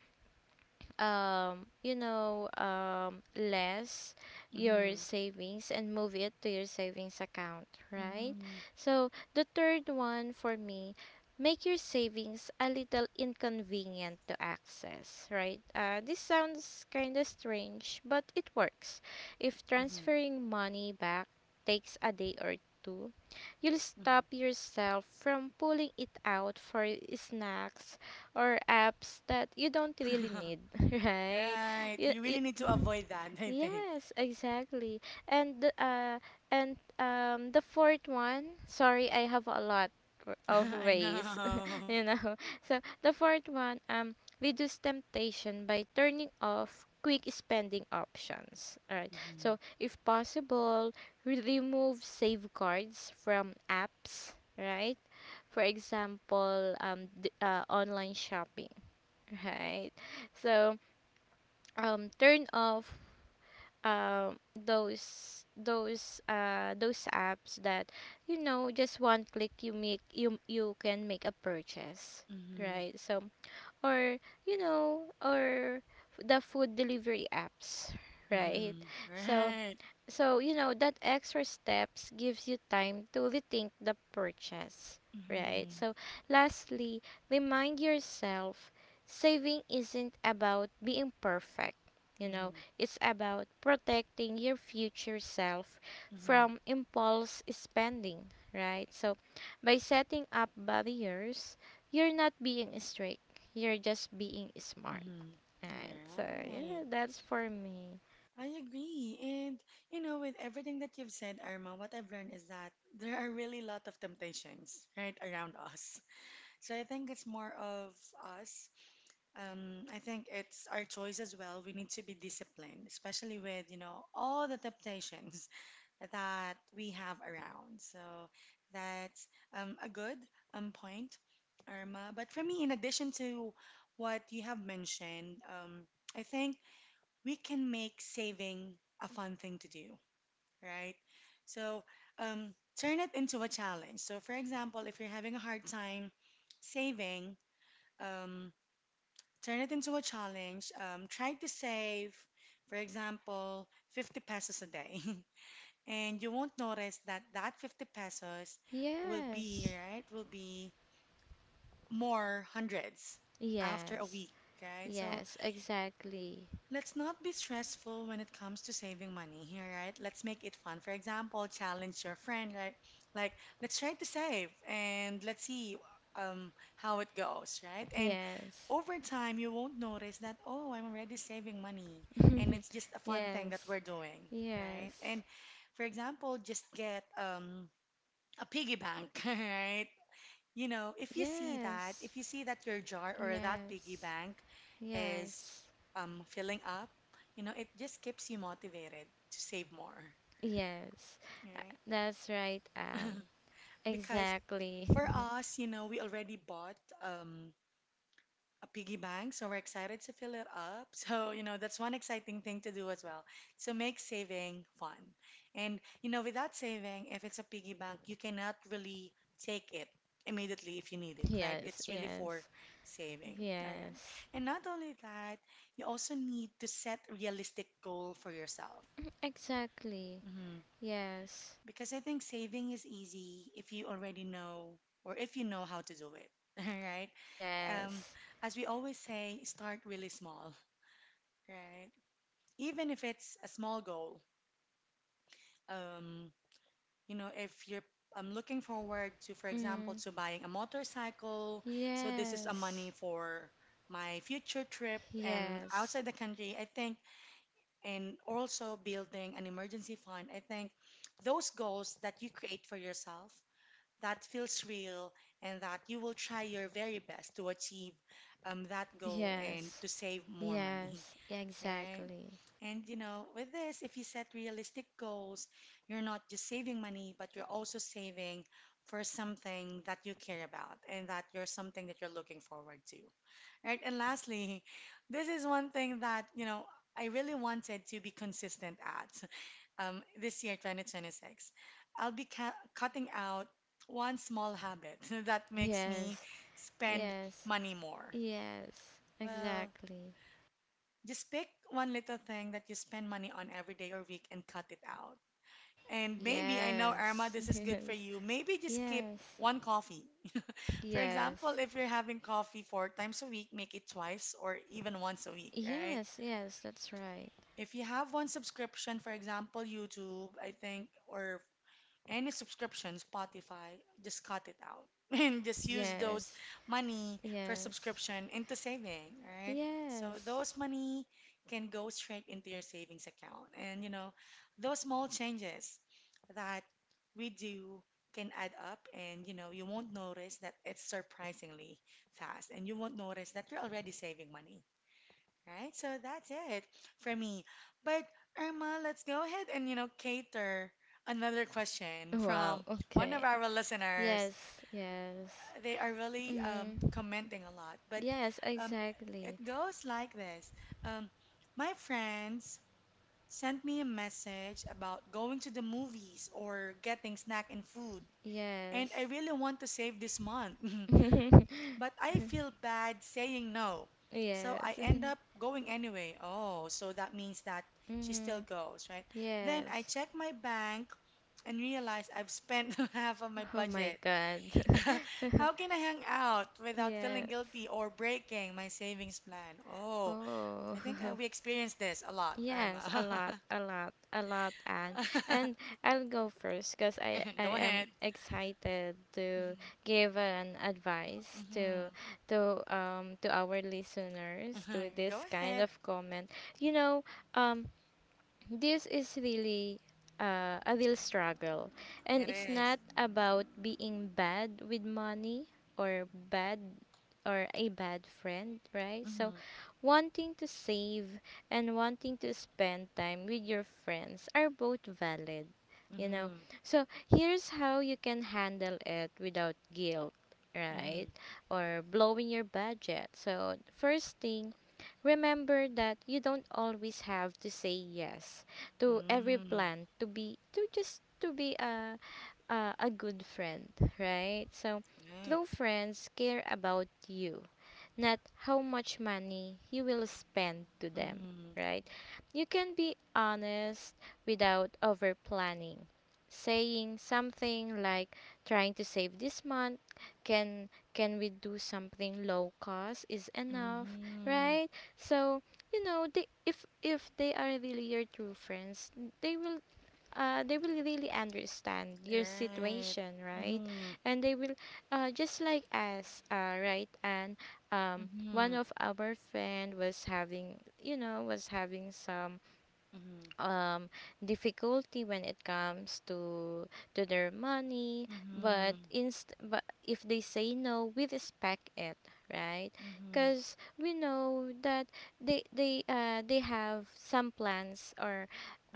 Speaker 2: less your
Speaker 1: mhm,
Speaker 2: savings and move it to your savings account, right? So the third one for me, make your savings a little inconvenient to access, right? This sounds kind of strange, but it works. If
Speaker 1: mhm,
Speaker 2: transferring money back takes a day or two, you'll stop
Speaker 1: mhm,
Speaker 2: yourself from pulling it out for snacks or apps that you don't really
Speaker 1: mhm.
Speaker 2: need, right?
Speaker 1: Right.
Speaker 2: It,
Speaker 1: We really
Speaker 2: it,
Speaker 1: need to avoid that, I think.
Speaker 2: Yes, exactly. And the fourth one, sorry, I have a lot of
Speaker 1: I
Speaker 2: ways,
Speaker 1: know.
Speaker 2: you know. So the fourth one, reduce temptation by turning off quick spending options. All right.
Speaker 1: Mm-hmm.
Speaker 2: So if possible, remove safeguards from apps, right? For example, online shopping, right? So turn off those apps that, you know, just one click you make, you can make a purchase,
Speaker 1: Mm-hmm.
Speaker 2: right? So or, you know, or the food delivery apps, right?
Speaker 1: Mm-hmm.
Speaker 2: So,
Speaker 1: Right.
Speaker 2: so, you know, that extra steps gives you time to rethink the purchase, right?
Speaker 1: Mm-hmm.
Speaker 2: So, lastly, remind yourself, saving isn't about being perfect. You know,
Speaker 1: Mm-hmm.
Speaker 2: it's about protecting your future self
Speaker 1: Mm-hmm.
Speaker 2: from impulse spending, right? So, by setting up barriers, you're not being strict, you're just being smart,
Speaker 1: Mm-hmm.
Speaker 2: right? So,
Speaker 1: Right.
Speaker 2: yeah, that's for me.
Speaker 1: I agree. And, you know, with everything that you've said, Irma, what I've learned is that there are really a lot of temptations, right, around us. So I think it's more of us. I think it's our choice as well. We need to be disciplined, especially with, you know, all the temptations that we have around. So that's a good point, Irma. But for me, in addition to what you have mentioned, I think we can make saving a fun thing to do, right? So turn it into a challenge. So, for example, if you're having a hard time saving, um, turn it into a challenge. Try to save, for example, 50 pesos a day. And you won't notice that that 50 pesos will be,
Speaker 2: Yes.
Speaker 1: right, will be more hundreds after a
Speaker 2: Yes,
Speaker 1: week, right? So
Speaker 2: yes, exactly.
Speaker 1: let's not be stressful when it comes to saving money here, right? Let's make it fun. For example, challenge your friend, right? Like, let's try to save and let's see how it goes, right? And
Speaker 2: Yes,
Speaker 1: over time, you won't notice that, oh, I'm already saving money. And it's just a fun thing that
Speaker 2: yes,
Speaker 1: we're doing, right?
Speaker 2: yes,
Speaker 1: And, for example, just get a piggy bank, right? You know, if you see that, if
Speaker 2: yes,
Speaker 1: you see that your jar or that piggy
Speaker 2: yes,
Speaker 1: bank is
Speaker 2: yes,
Speaker 1: filling up, you know, it just keeps you motivated to save more,
Speaker 2: yes.
Speaker 1: right?
Speaker 2: That's right, Anne.
Speaker 1: Because
Speaker 2: Exactly.
Speaker 1: for us, you know, we already bought um, a piggy bank. So we're excited to fill it up. So, you know, that's one exciting thing to do as well. So make saving fun. And, you know, without saving, if it's a piggy bank, you cannot really take it immediately if you need it, right?
Speaker 2: Yes,
Speaker 1: It's really for
Speaker 2: yes,
Speaker 1: saving. All right.
Speaker 2: yes.
Speaker 1: And not only that, you also need to set realistic goal for yourself.
Speaker 2: Mm, exactly.
Speaker 1: Mhm.
Speaker 2: Yes,
Speaker 1: Because I think saving is easy if you already know or if you know how to do it, right? Um,
Speaker 2: yes.
Speaker 1: as we always say, start really small, right? Even if it's a small goal, um, you know, if you're I'm looking forward to, for example,
Speaker 2: Mm.
Speaker 1: to buying a motorcycle. So this is a money
Speaker 2: Yes,
Speaker 1: for my future trip and
Speaker 2: yes,
Speaker 1: outside the country, I think, and also building an emergency fund. I think those goals that you create for yourself that feels real and that you will try your very best to achieve that goal and
Speaker 2: yes,
Speaker 1: to save more money,
Speaker 2: yes,
Speaker 1: right?
Speaker 2: exactly.
Speaker 1: And, you know, with this, if you set realistic goals, you're not just saving money, but you're also saving for something that you care about and that you're something that you're looking forward to, right? And lastly, this is one thing that, you know, I really wanted to be consistent at. This year, 2026, I'll be ca cutting out one small habit that makes me
Speaker 2: Yes,
Speaker 1: spend
Speaker 2: yes,
Speaker 1: money more.
Speaker 2: yes,
Speaker 1: Well,
Speaker 2: exactly.
Speaker 1: just pick one little thing that you spend money on every day or week and cut it out. And maybe, I know, Irma,
Speaker 2: Yes,
Speaker 1: this is good for
Speaker 2: yes,
Speaker 1: you. Maybe just skip
Speaker 2: yes,
Speaker 1: one coffee. For example,
Speaker 2: yes,
Speaker 1: if you're having coffee four times a week, make it twice or even once a week, right?
Speaker 2: yes, yes, that's right.
Speaker 1: If you have one subscription, for example, YouTube, I think, or any subscription, Spotify, just cut it out and just use those
Speaker 2: Yes,
Speaker 1: money for
Speaker 2: yes,
Speaker 1: subscription into saving, right? So
Speaker 2: yes.
Speaker 1: those money can go straight into your savings account. And, you know, those small changes that we do can add up, and, you know, you won't notice that it's surprisingly fast, and you won't notice that you're already saving money. Right? So that's it for me. But, Irma, let's go ahead and, you know, cater another question
Speaker 2: Wow,
Speaker 1: from one of
Speaker 2: okay.
Speaker 1: our listeners.
Speaker 2: Yes, yes.
Speaker 1: They are really
Speaker 2: Mm.
Speaker 1: commenting a lot, but
Speaker 2: Yes,
Speaker 1: um, it
Speaker 2: exactly.
Speaker 1: goes like this. Um, my friends sent me a message about going to the movies or getting snack and food, and I
Speaker 2: Yes.
Speaker 1: really want to save this month. But I feel bad saying no. So I
Speaker 2: Yes.
Speaker 1: end up going anyway. Oh, so that means that she still
Speaker 2: Mm.
Speaker 1: goes, right? Then I
Speaker 2: Yes.
Speaker 1: check my bank and realize I've spent half of my
Speaker 2: Oh my
Speaker 1: budget.
Speaker 2: god.
Speaker 1: How can I hang out without feeling
Speaker 2: Yes.
Speaker 1: guilty or breaking my savings plan? Oh,
Speaker 2: Oh.
Speaker 1: I think we experienced this a lot,
Speaker 2: Yes, a
Speaker 1: Irma.
Speaker 2: lot, a lot, a lot, and I'll go first because I
Speaker 1: Go
Speaker 2: am
Speaker 1: ahead.
Speaker 2: excited to
Speaker 1: Mm-hmm,
Speaker 2: give an advice
Speaker 1: mm-hmm,
Speaker 2: to to our listeners, to
Speaker 1: mm-hmm. Go
Speaker 2: this kind
Speaker 1: ahead.
Speaker 2: of comment. You know, um this is really a real struggle. And
Speaker 1: It
Speaker 2: it's
Speaker 1: is.
Speaker 2: not about being bad with money, or bad or a bad friend, right? So,
Speaker 1: Mm-hmm,
Speaker 2: wanting to save and wanting to spend time with your friends are both valid, you know.
Speaker 1: mm-hmm,
Speaker 2: So, here's how you can handle it without guilt, right?
Speaker 1: mm-hmm,
Speaker 2: Or blowing your budget. So, first thing, remember that you don't always have to say yes to every
Speaker 1: mm-hmm.
Speaker 2: plan, to just to be a good friend, right? So
Speaker 1: Right.
Speaker 2: true friends care about you, not how much money you will spend to them,
Speaker 1: Mm-hmm.
Speaker 2: right? You can be honest without over planning. Saying something like, trying to save this month, can can we do something low cost, is enough,
Speaker 1: Mm-hmm.
Speaker 2: right? So, you know, they if they are really your true friends, they will they will really understand your
Speaker 1: Right.
Speaker 2: situation, right?
Speaker 1: Mm-hmm.
Speaker 2: And they will, just like us, right? And one
Speaker 1: Mm-hmm.
Speaker 2: of our friend was having, you know, was having some
Speaker 1: Mm-hmm.
Speaker 2: um difficulty when it comes to their money, but
Speaker 1: Mm-hmm.
Speaker 2: inst but if they say no, we respect it, right?
Speaker 1: Mm-hmm.
Speaker 2: Because we know that they have some plans, or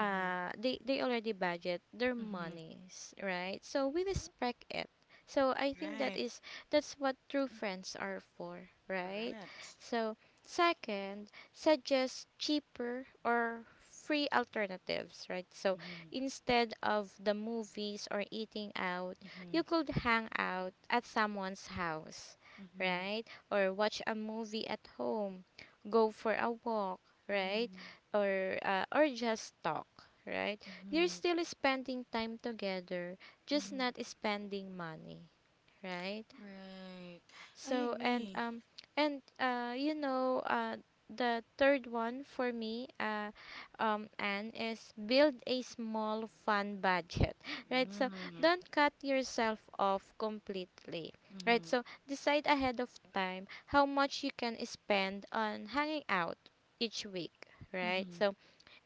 Speaker 1: Mm-hmm.
Speaker 2: they they already budget their
Speaker 1: Mm-hmm.
Speaker 2: monies, right? So we respect it. So I think that
Speaker 1: Right.
Speaker 2: is, that's what true friends are for, right?
Speaker 1: Correct.
Speaker 2: So second, suggest cheaper or free alternatives, right? So
Speaker 1: Mm-hmm.
Speaker 2: instead of the movies or eating out,
Speaker 1: Mm-hmm.
Speaker 2: you could hang out at someone's house,
Speaker 1: Mm-hmm.
Speaker 2: right? Or watch a movie at home, go for a walk, right?
Speaker 1: Mm-hmm.
Speaker 2: Or just talk, right? You're
Speaker 1: Mm-hmm.
Speaker 2: still spending time together, just
Speaker 1: Mm-hmm.
Speaker 2: not spending money, right?
Speaker 1: Right. I
Speaker 2: So and
Speaker 1: agree.
Speaker 2: um and the third one for me and is build a small fun budget right. So
Speaker 1: Mm-hmm.
Speaker 2: don't cut yourself off completely, right?
Speaker 1: Mm-hmm.
Speaker 2: So decide ahead of time how much you can spend on hanging out each week, right?
Speaker 1: Mm-hmm.
Speaker 2: So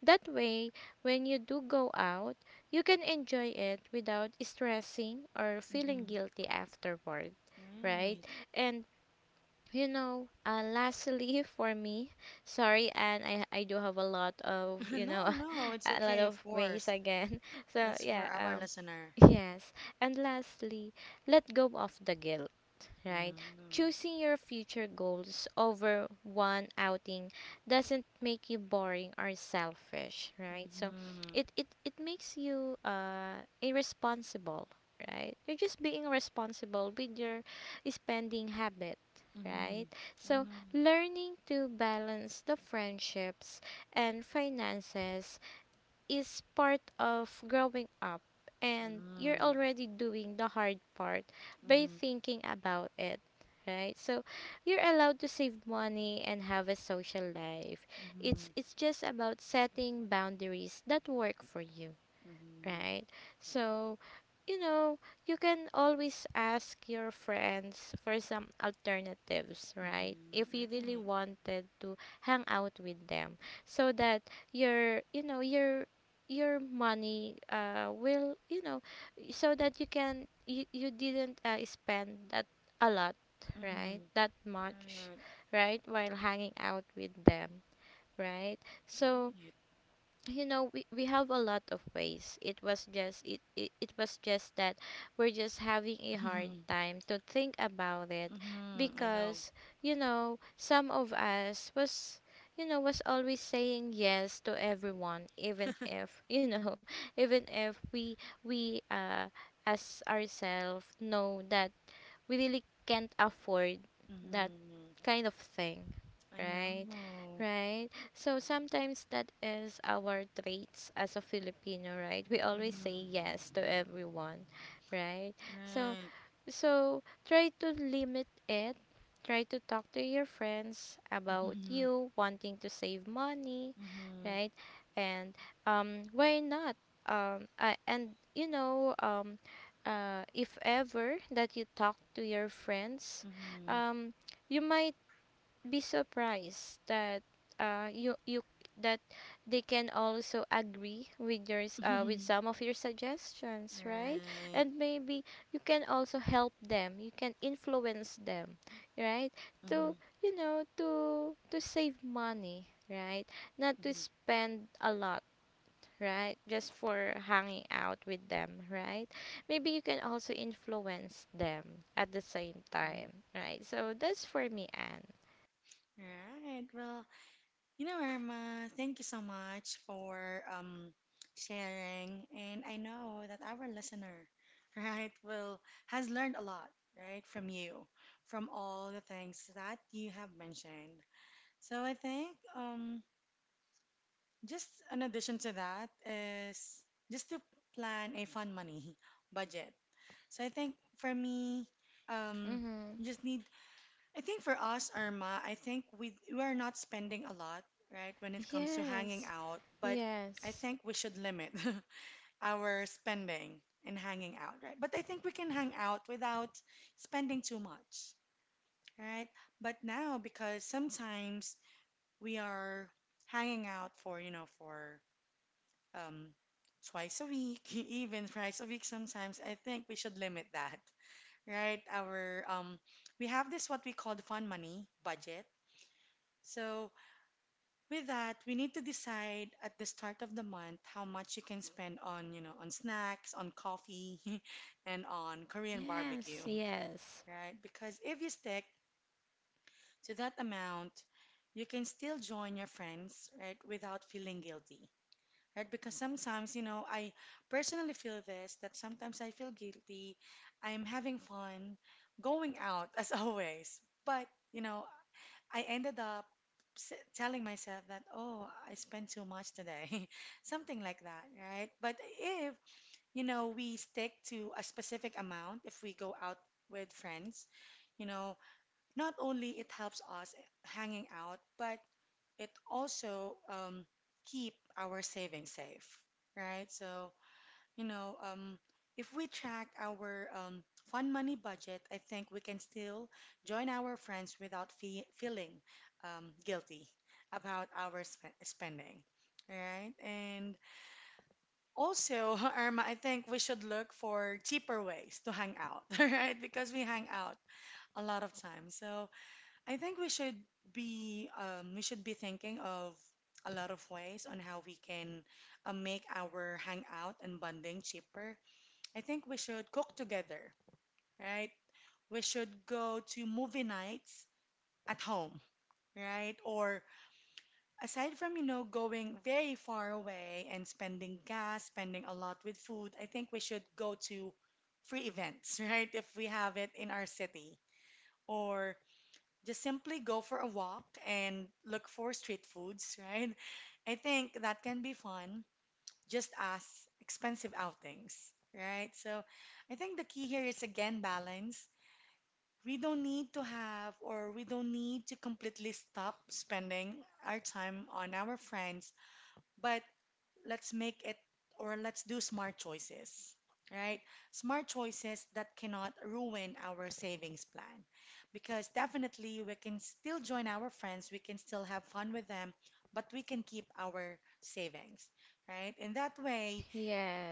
Speaker 2: that way, when you do go out, you can enjoy it without stressing or
Speaker 1: Mm-hmm.
Speaker 2: feeling
Speaker 1: Mm-hmm.
Speaker 2: guilty afterward, right?
Speaker 1: Right.
Speaker 2: And lastly for me, sorry, and I do have a lot of
Speaker 1: No, no, it's
Speaker 2: a lot
Speaker 1: okay, of
Speaker 2: of ways
Speaker 1: course.
Speaker 2: again so
Speaker 1: That's for
Speaker 2: yeah
Speaker 1: our
Speaker 2: um
Speaker 1: listener.
Speaker 2: Yes, and lastly, let go of the guilt, right?
Speaker 1: Mm-hmm.
Speaker 2: Choosing your future goals over one outing doesn't make you boring or selfish, right? So
Speaker 1: Mm-hmm.
Speaker 2: it makes you irresponsible, right? You're just being responsible with your spending habit,
Speaker 1: Mm-hmm.
Speaker 2: right?
Speaker 1: I
Speaker 2: So
Speaker 1: know.
Speaker 2: learning to balance the friendships and finances is part of growing up, and you're
Speaker 1: Mm-hmm.
Speaker 2: already doing the hard part by
Speaker 1: Mm-hmm.
Speaker 2: thinking about it, right? So you're allowed to save money and have a social life. it's
Speaker 1: Mm-hmm.
Speaker 2: it's just about setting boundaries that work for you,
Speaker 1: Mm-hmm.
Speaker 2: right? So, you know, you can always ask your friends for some alternatives, right?
Speaker 1: Mm-hmm.
Speaker 2: If you really
Speaker 1: Right.
Speaker 2: wanted to hang out with them, so that your your money will, so that you can you didn't spend that a lot,
Speaker 1: Mm-hmm.
Speaker 2: right? That much,
Speaker 1: Right.
Speaker 2: right? While hanging out with them, right? So,
Speaker 1: Right.
Speaker 2: we have a lot of ways. It was just it was just that we're just having a hard
Speaker 1: Mm-hmm.
Speaker 2: time to think about it,
Speaker 1: Mm-hmm. I know.
Speaker 2: because you know some of us was, you know, was always saying yes to everyone, even if you know, even if we as ourselves know that we really can't afford that
Speaker 1: Mm-hmm.
Speaker 2: kind of thing,
Speaker 1: I
Speaker 2: right?
Speaker 1: know.
Speaker 2: Right. So sometimes that is our traits as a Filipino, right? We always say
Speaker 1: Mm-hmm.
Speaker 2: yes to everyone, right? So
Speaker 1: Right.
Speaker 2: so try to limit it. Try to talk to your friends about
Speaker 1: Mm-hmm.
Speaker 2: you wanting to save money,
Speaker 1: Mm-hmm.
Speaker 2: right? And why not? And you know if ever that you talk to your friends,
Speaker 1: Mm-hmm.
Speaker 2: um, you might be surprised that you you that they can also agree with yours with some of your suggestions, right?
Speaker 1: Right.
Speaker 2: And maybe you can also help them, you can influence them, right?
Speaker 1: Mm-hmm.
Speaker 2: To you know to save money, right? Not to spend a lot, right? Just for hanging out with them, right? Maybe you can also influence them at the same time,
Speaker 1: Mm-hmm.
Speaker 2: right? So that's for me, Anne.
Speaker 1: Right. Well, you know, Irma, thank you so much for um, sharing. And I know that our listener, right, will has learned a lot, right, from you, from all the things that you have mentioned. So I think just an addition to that is just to plan a fun money budget. So I think for me, um,
Speaker 2: Mm-hmm.
Speaker 1: you just need I think for us, Irma, I think we are not spending a lot, right, when it comes to hanging
Speaker 2: Yes,
Speaker 1: out, but I
Speaker 2: yes,
Speaker 1: think we should limit our spending in hanging out, right? But I think we can hang out without spending too much, right? But now, because sometimes we are hanging out for, you know, for um twice a week, even thrice a week sometimes, I think we should limit that, right? Our We have this what we call the fun money budget. So with that, we need to decide at the start of the month how much you can spend on, you know, on snacks, on coffee, and on Korean
Speaker 2: yes,
Speaker 1: barbecue,
Speaker 2: yes,
Speaker 1: right? Because if you stick to that amount, you can still join your friends, right, without feeling guilty. Right? Because sometimes, you know, I personally feel this that sometimes I feel guilty. I'm having fun going out as always, but, you know, I ended up telling myself that, oh, I spent too much today, something like that, right? But if, you know, we stick to a specific amount, if we go out with friends, you know, not only it helps us hanging out, but it also keep our savings safe, right? So, you know, if we track our fun money budget, I think we can still join our friends without fe feeling guilty about our sp spending. All right. And also, Irma, I think we should look for cheaper ways to hang out, all right? Because we hang out a lot of times. So I think we should be thinking of a lot of ways on how we can make our hangout and bonding cheaper. I think we should cook together, right? We should go to movie nights at home, right? Or aside from, you know, going very far away and spending gas, spending a lot with food, I think we should go to free events, right? If we have it in our city. Or just simply go for a walk and look for street foods, right? I think that can be fun just as expensive outings, right? So I think the key here is again balance. We don't need to have, or we don't need to completely stop spending our time on our friends, but let's make it, or let's do smart choices, right? Smart choices that cannot ruin our savings plan. Because definitely we can still join our friends, we can still have fun with them, but we can keep our savings, right? In that way,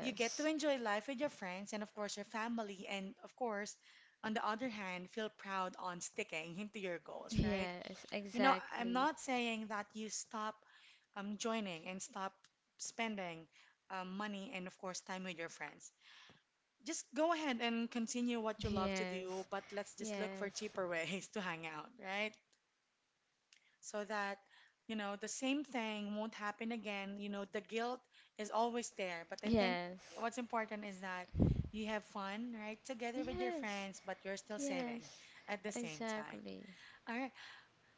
Speaker 1: you get to enjoy life with your friends and, of course, your family, and, of course, on the other hand, feel proud on sticking into your goals, right?
Speaker 2: yes,
Speaker 1: You know, I'm
Speaker 2: exactly.
Speaker 1: not saying that you stop joining and stop spending money and, of course, time with your friends. Just go ahead and continue what you love to do,
Speaker 2: Yes,
Speaker 1: but let's just look for
Speaker 2: yes,
Speaker 1: cheaper ways to hang out, right? So that, you know, the same thing won't happen again. You know, the guilt is always there, but I think
Speaker 2: yes,
Speaker 1: what's important is that you have fun, right, together with your
Speaker 2: yes,
Speaker 1: friends, but you're still saving
Speaker 2: yes,
Speaker 1: at the same time.
Speaker 2: exactly.
Speaker 1: All right.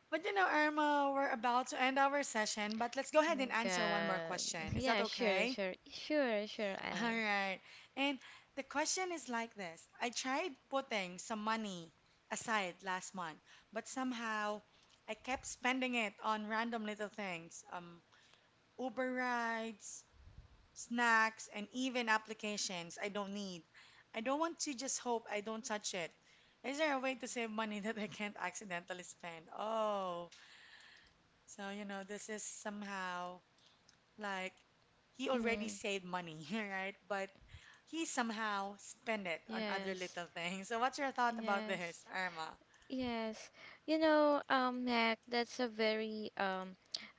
Speaker 1: But you know, Irma, we're about to end our session, but let's go
Speaker 2: Oh
Speaker 1: ahead and
Speaker 2: my
Speaker 1: answer one more
Speaker 2: god.
Speaker 1: question. Is that
Speaker 2: Yeah, sure,
Speaker 1: okay?
Speaker 2: sure, sure, sure,
Speaker 1: All
Speaker 2: Anne.
Speaker 1: right. And the question is like this. I tried putting some money aside last month, but somehow I kept spending it on random little things, Uber rides, snacks, and even applications I don't need. I don't want to just hope I don't touch it. Is there a way to save money that I can't accidentally spend? Oh, so, you know, this is somehow like he already
Speaker 2: Mm,
Speaker 1: saved money, right? But he somehow spent it on other
Speaker 2: yes,
Speaker 1: little things. So what's your thought about
Speaker 2: yes,
Speaker 1: this, Irma?
Speaker 2: yes. You know, Mac, that's a very um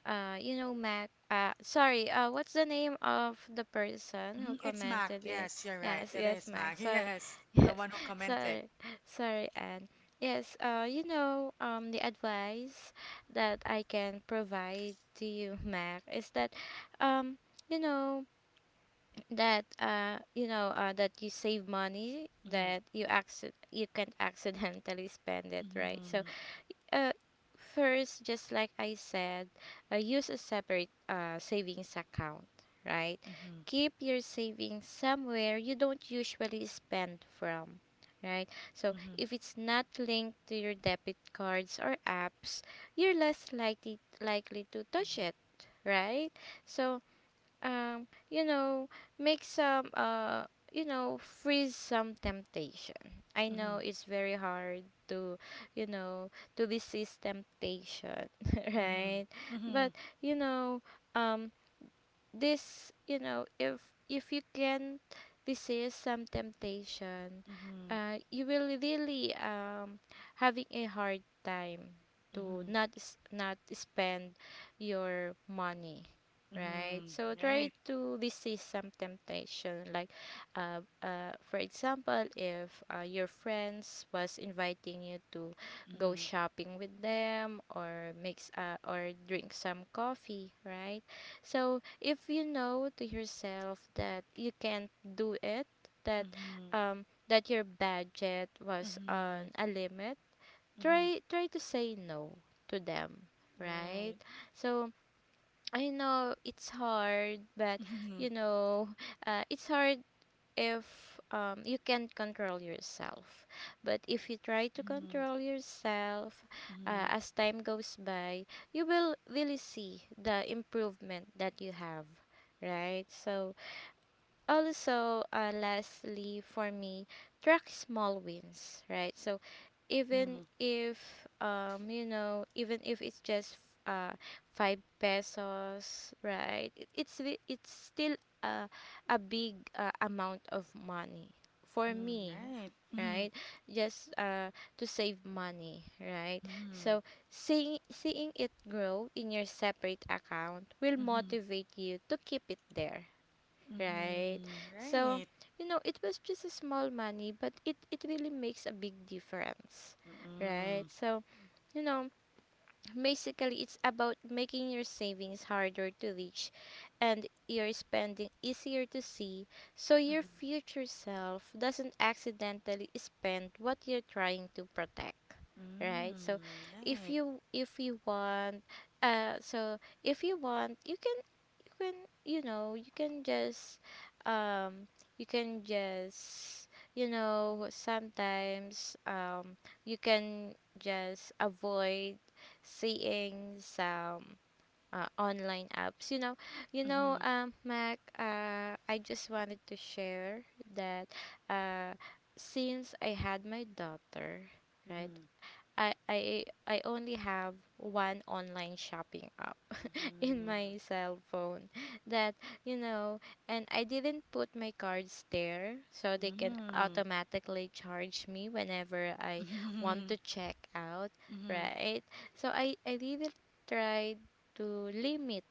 Speaker 2: uh you know, Mac, uh, sorry, uh, what's the name of the person who
Speaker 1: Mhm. It's Mac.
Speaker 2: commented it?
Speaker 1: Yes, you're right.
Speaker 2: Yes,
Speaker 1: It
Speaker 2: yes,
Speaker 1: is
Speaker 2: Mac.
Speaker 1: Mac.
Speaker 2: Sorry.
Speaker 1: Yes, the
Speaker 2: Yes.
Speaker 1: one who commented.
Speaker 2: Sorry. Sorry, Anne. Yes, you know, um, the advice that I can provide to you, Mac, is that um you know that that you save money,
Speaker 1: Mhm,
Speaker 2: that you acc you can accidentally spend it, right? So
Speaker 1: mhm,
Speaker 2: uh, first, just like I said, use a separate savings account, right?
Speaker 1: mhm,
Speaker 2: Keep your savings somewhere you don't usually spend from, right? So,
Speaker 1: mhm,
Speaker 2: if it's not linked to your debit cards or apps, you're less likely to touch it, right? So, you know, make some you know, freeze some temptation. I know
Speaker 1: mhm,
Speaker 2: it's very hard to, you know, to resist temptation
Speaker 1: mhm,
Speaker 2: right.
Speaker 1: mhm,
Speaker 2: But you know, um, this you know if if you can resist some temptation,
Speaker 1: mhm,
Speaker 2: you will really having a hard time to
Speaker 1: mhm,
Speaker 2: not spend your money, right?
Speaker 1: mhm, mhm.
Speaker 2: So
Speaker 1: Right.
Speaker 2: try to resist some temptation like for example, if your friends was inviting you to
Speaker 1: Mhm,
Speaker 2: go shopping with them, or makes or drink some coffee, right? So if you know to yourself that you can't do it, that um, that your budget
Speaker 1: mhm,
Speaker 2: was on
Speaker 1: mhm,
Speaker 2: a limit,
Speaker 1: mhm.
Speaker 2: try to say no to them, right?
Speaker 1: Right.
Speaker 2: So I know it's hard, but
Speaker 1: Mhm,
Speaker 2: you know, it's hard if you can't control yourself. But if you try to
Speaker 1: mhm,
Speaker 2: control yourself
Speaker 1: mhm,
Speaker 2: as time goes by, you will really see the improvement that you have, right? So, also, lastly, for me, track small wins, right? So, even
Speaker 1: mhm,
Speaker 2: if even if it's just uh 5 pesos, right? It's it's still a big amount of money for
Speaker 1: mhm.
Speaker 2: me,
Speaker 1: Right. Mhm.
Speaker 2: right? Just to save money, right?
Speaker 1: Mhm.
Speaker 2: So seeing it grow in your separate account will
Speaker 1: Mhm.
Speaker 2: motivate you to keep it there, right?
Speaker 1: Mhm.
Speaker 2: So,
Speaker 1: Right.
Speaker 2: you know, it was just a small money, but it really makes a big difference, right?
Speaker 1: Mhm.
Speaker 2: So, you know, basically, it's about making your savings harder to reach and your spending easier to see, so your
Speaker 1: Mhm.
Speaker 2: future self doesn't accidentally spend what you're trying to protect, right? So
Speaker 1: Mm. Right.
Speaker 2: if you want so if you want, you can you can you know, you can just um you can just you know, sometimes um, you can just avoid seeing some online apps. You know,
Speaker 1: Mhm.
Speaker 2: Mac. I just wanted to share that uh, since I had my daughter, right?
Speaker 1: Mhm.
Speaker 2: I only have one online shopping app in
Speaker 1: Mhm.
Speaker 2: my cell phone, that you know, and I didn't put my cards there so they can
Speaker 1: Mhm.
Speaker 2: automatically charge me whenever I want
Speaker 1: Mhm.
Speaker 2: to check out,
Speaker 1: Mhm.
Speaker 2: right? So I didn't try to limit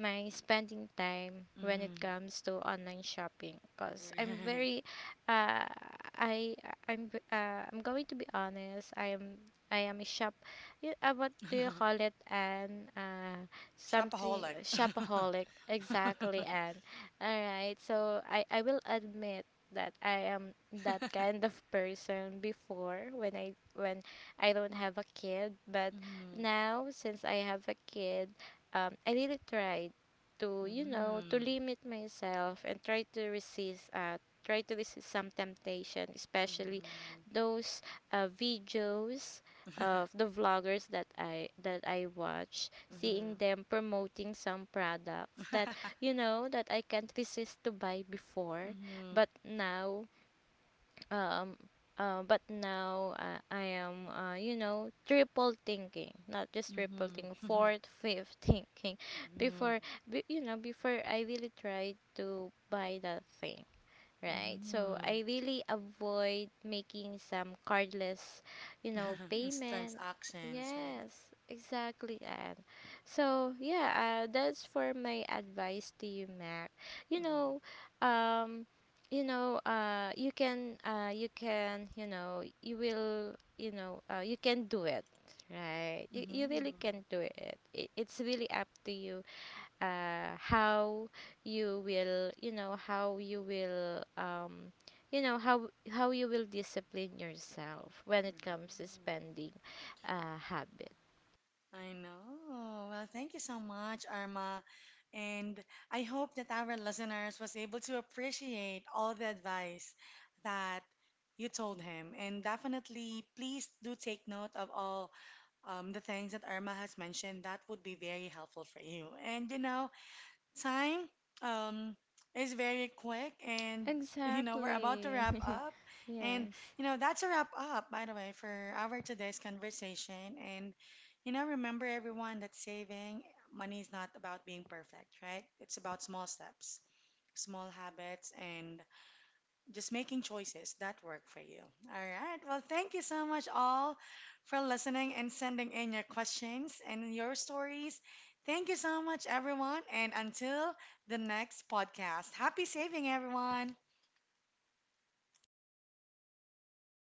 Speaker 2: my spending time when it
Speaker 1: Mhm.
Speaker 2: comes to online shopping, because I'm
Speaker 1: Right.
Speaker 2: very uh, I I'm I'm going to be honest, I am a what do you call it, and something,
Speaker 1: Shopaholic.
Speaker 2: shopaholic, exactly. And all right, so I will admit that I am that kind of person before, when I don't have a kid. But
Speaker 1: Mhm.
Speaker 2: now since I have a kid, I really tried to you know, to
Speaker 1: Mhm.
Speaker 2: limit myself and try to resist some temptation, especially
Speaker 1: Mhm.
Speaker 2: those videos of the vloggers that I watch, seeing
Speaker 1: Mhm.
Speaker 2: them promoting some products that you know, that I can't resist to buy before.
Speaker 1: Mhm.
Speaker 2: But now um, I am, you know, triple thinking, not just triple thinking,
Speaker 1: Mhm.
Speaker 2: fourth, fifth thinking.
Speaker 1: Mhm.
Speaker 2: Before, before I really tried to buy that thing. Right. So
Speaker 1: Mhm.
Speaker 2: I really avoid making some cardless, you know,
Speaker 1: Instant
Speaker 2: payment.
Speaker 1: actions,
Speaker 2: Yes, exactly. And so yeah, that's for my advice to you, Mac. You
Speaker 1: right?
Speaker 2: know, um, you know, you can, you can, you know, you will, you know, you can do it. Right. You
Speaker 1: Mhm.
Speaker 2: really can do it. It's really up to you how you will you know how you will you know, how you will discipline yourself when it comes to
Speaker 1: Mm.
Speaker 2: spending habit.
Speaker 1: I know. Well, thank you so much, Arma. And I hope that our listeners was able to appreciate all the advice that you told him. And definitely, please do take note of all the things that Irma has mentioned. That would be very helpful for you. And, you know, time um, is very quick, and, you know, we're about to
Speaker 2: Exactly.
Speaker 1: wrap up. And,
Speaker 2: Yes.
Speaker 1: you know, that's a wrap up, by the way, for our today's conversation. And, you know, remember everyone that saving money is not about being perfect, right? It's about small steps, small habits, and just making choices that work for you. All right. Well, thank you so much all for listening and sending in your questions and your stories. Thank you so much, everyone. And until the next podcast, happy saving, everyone.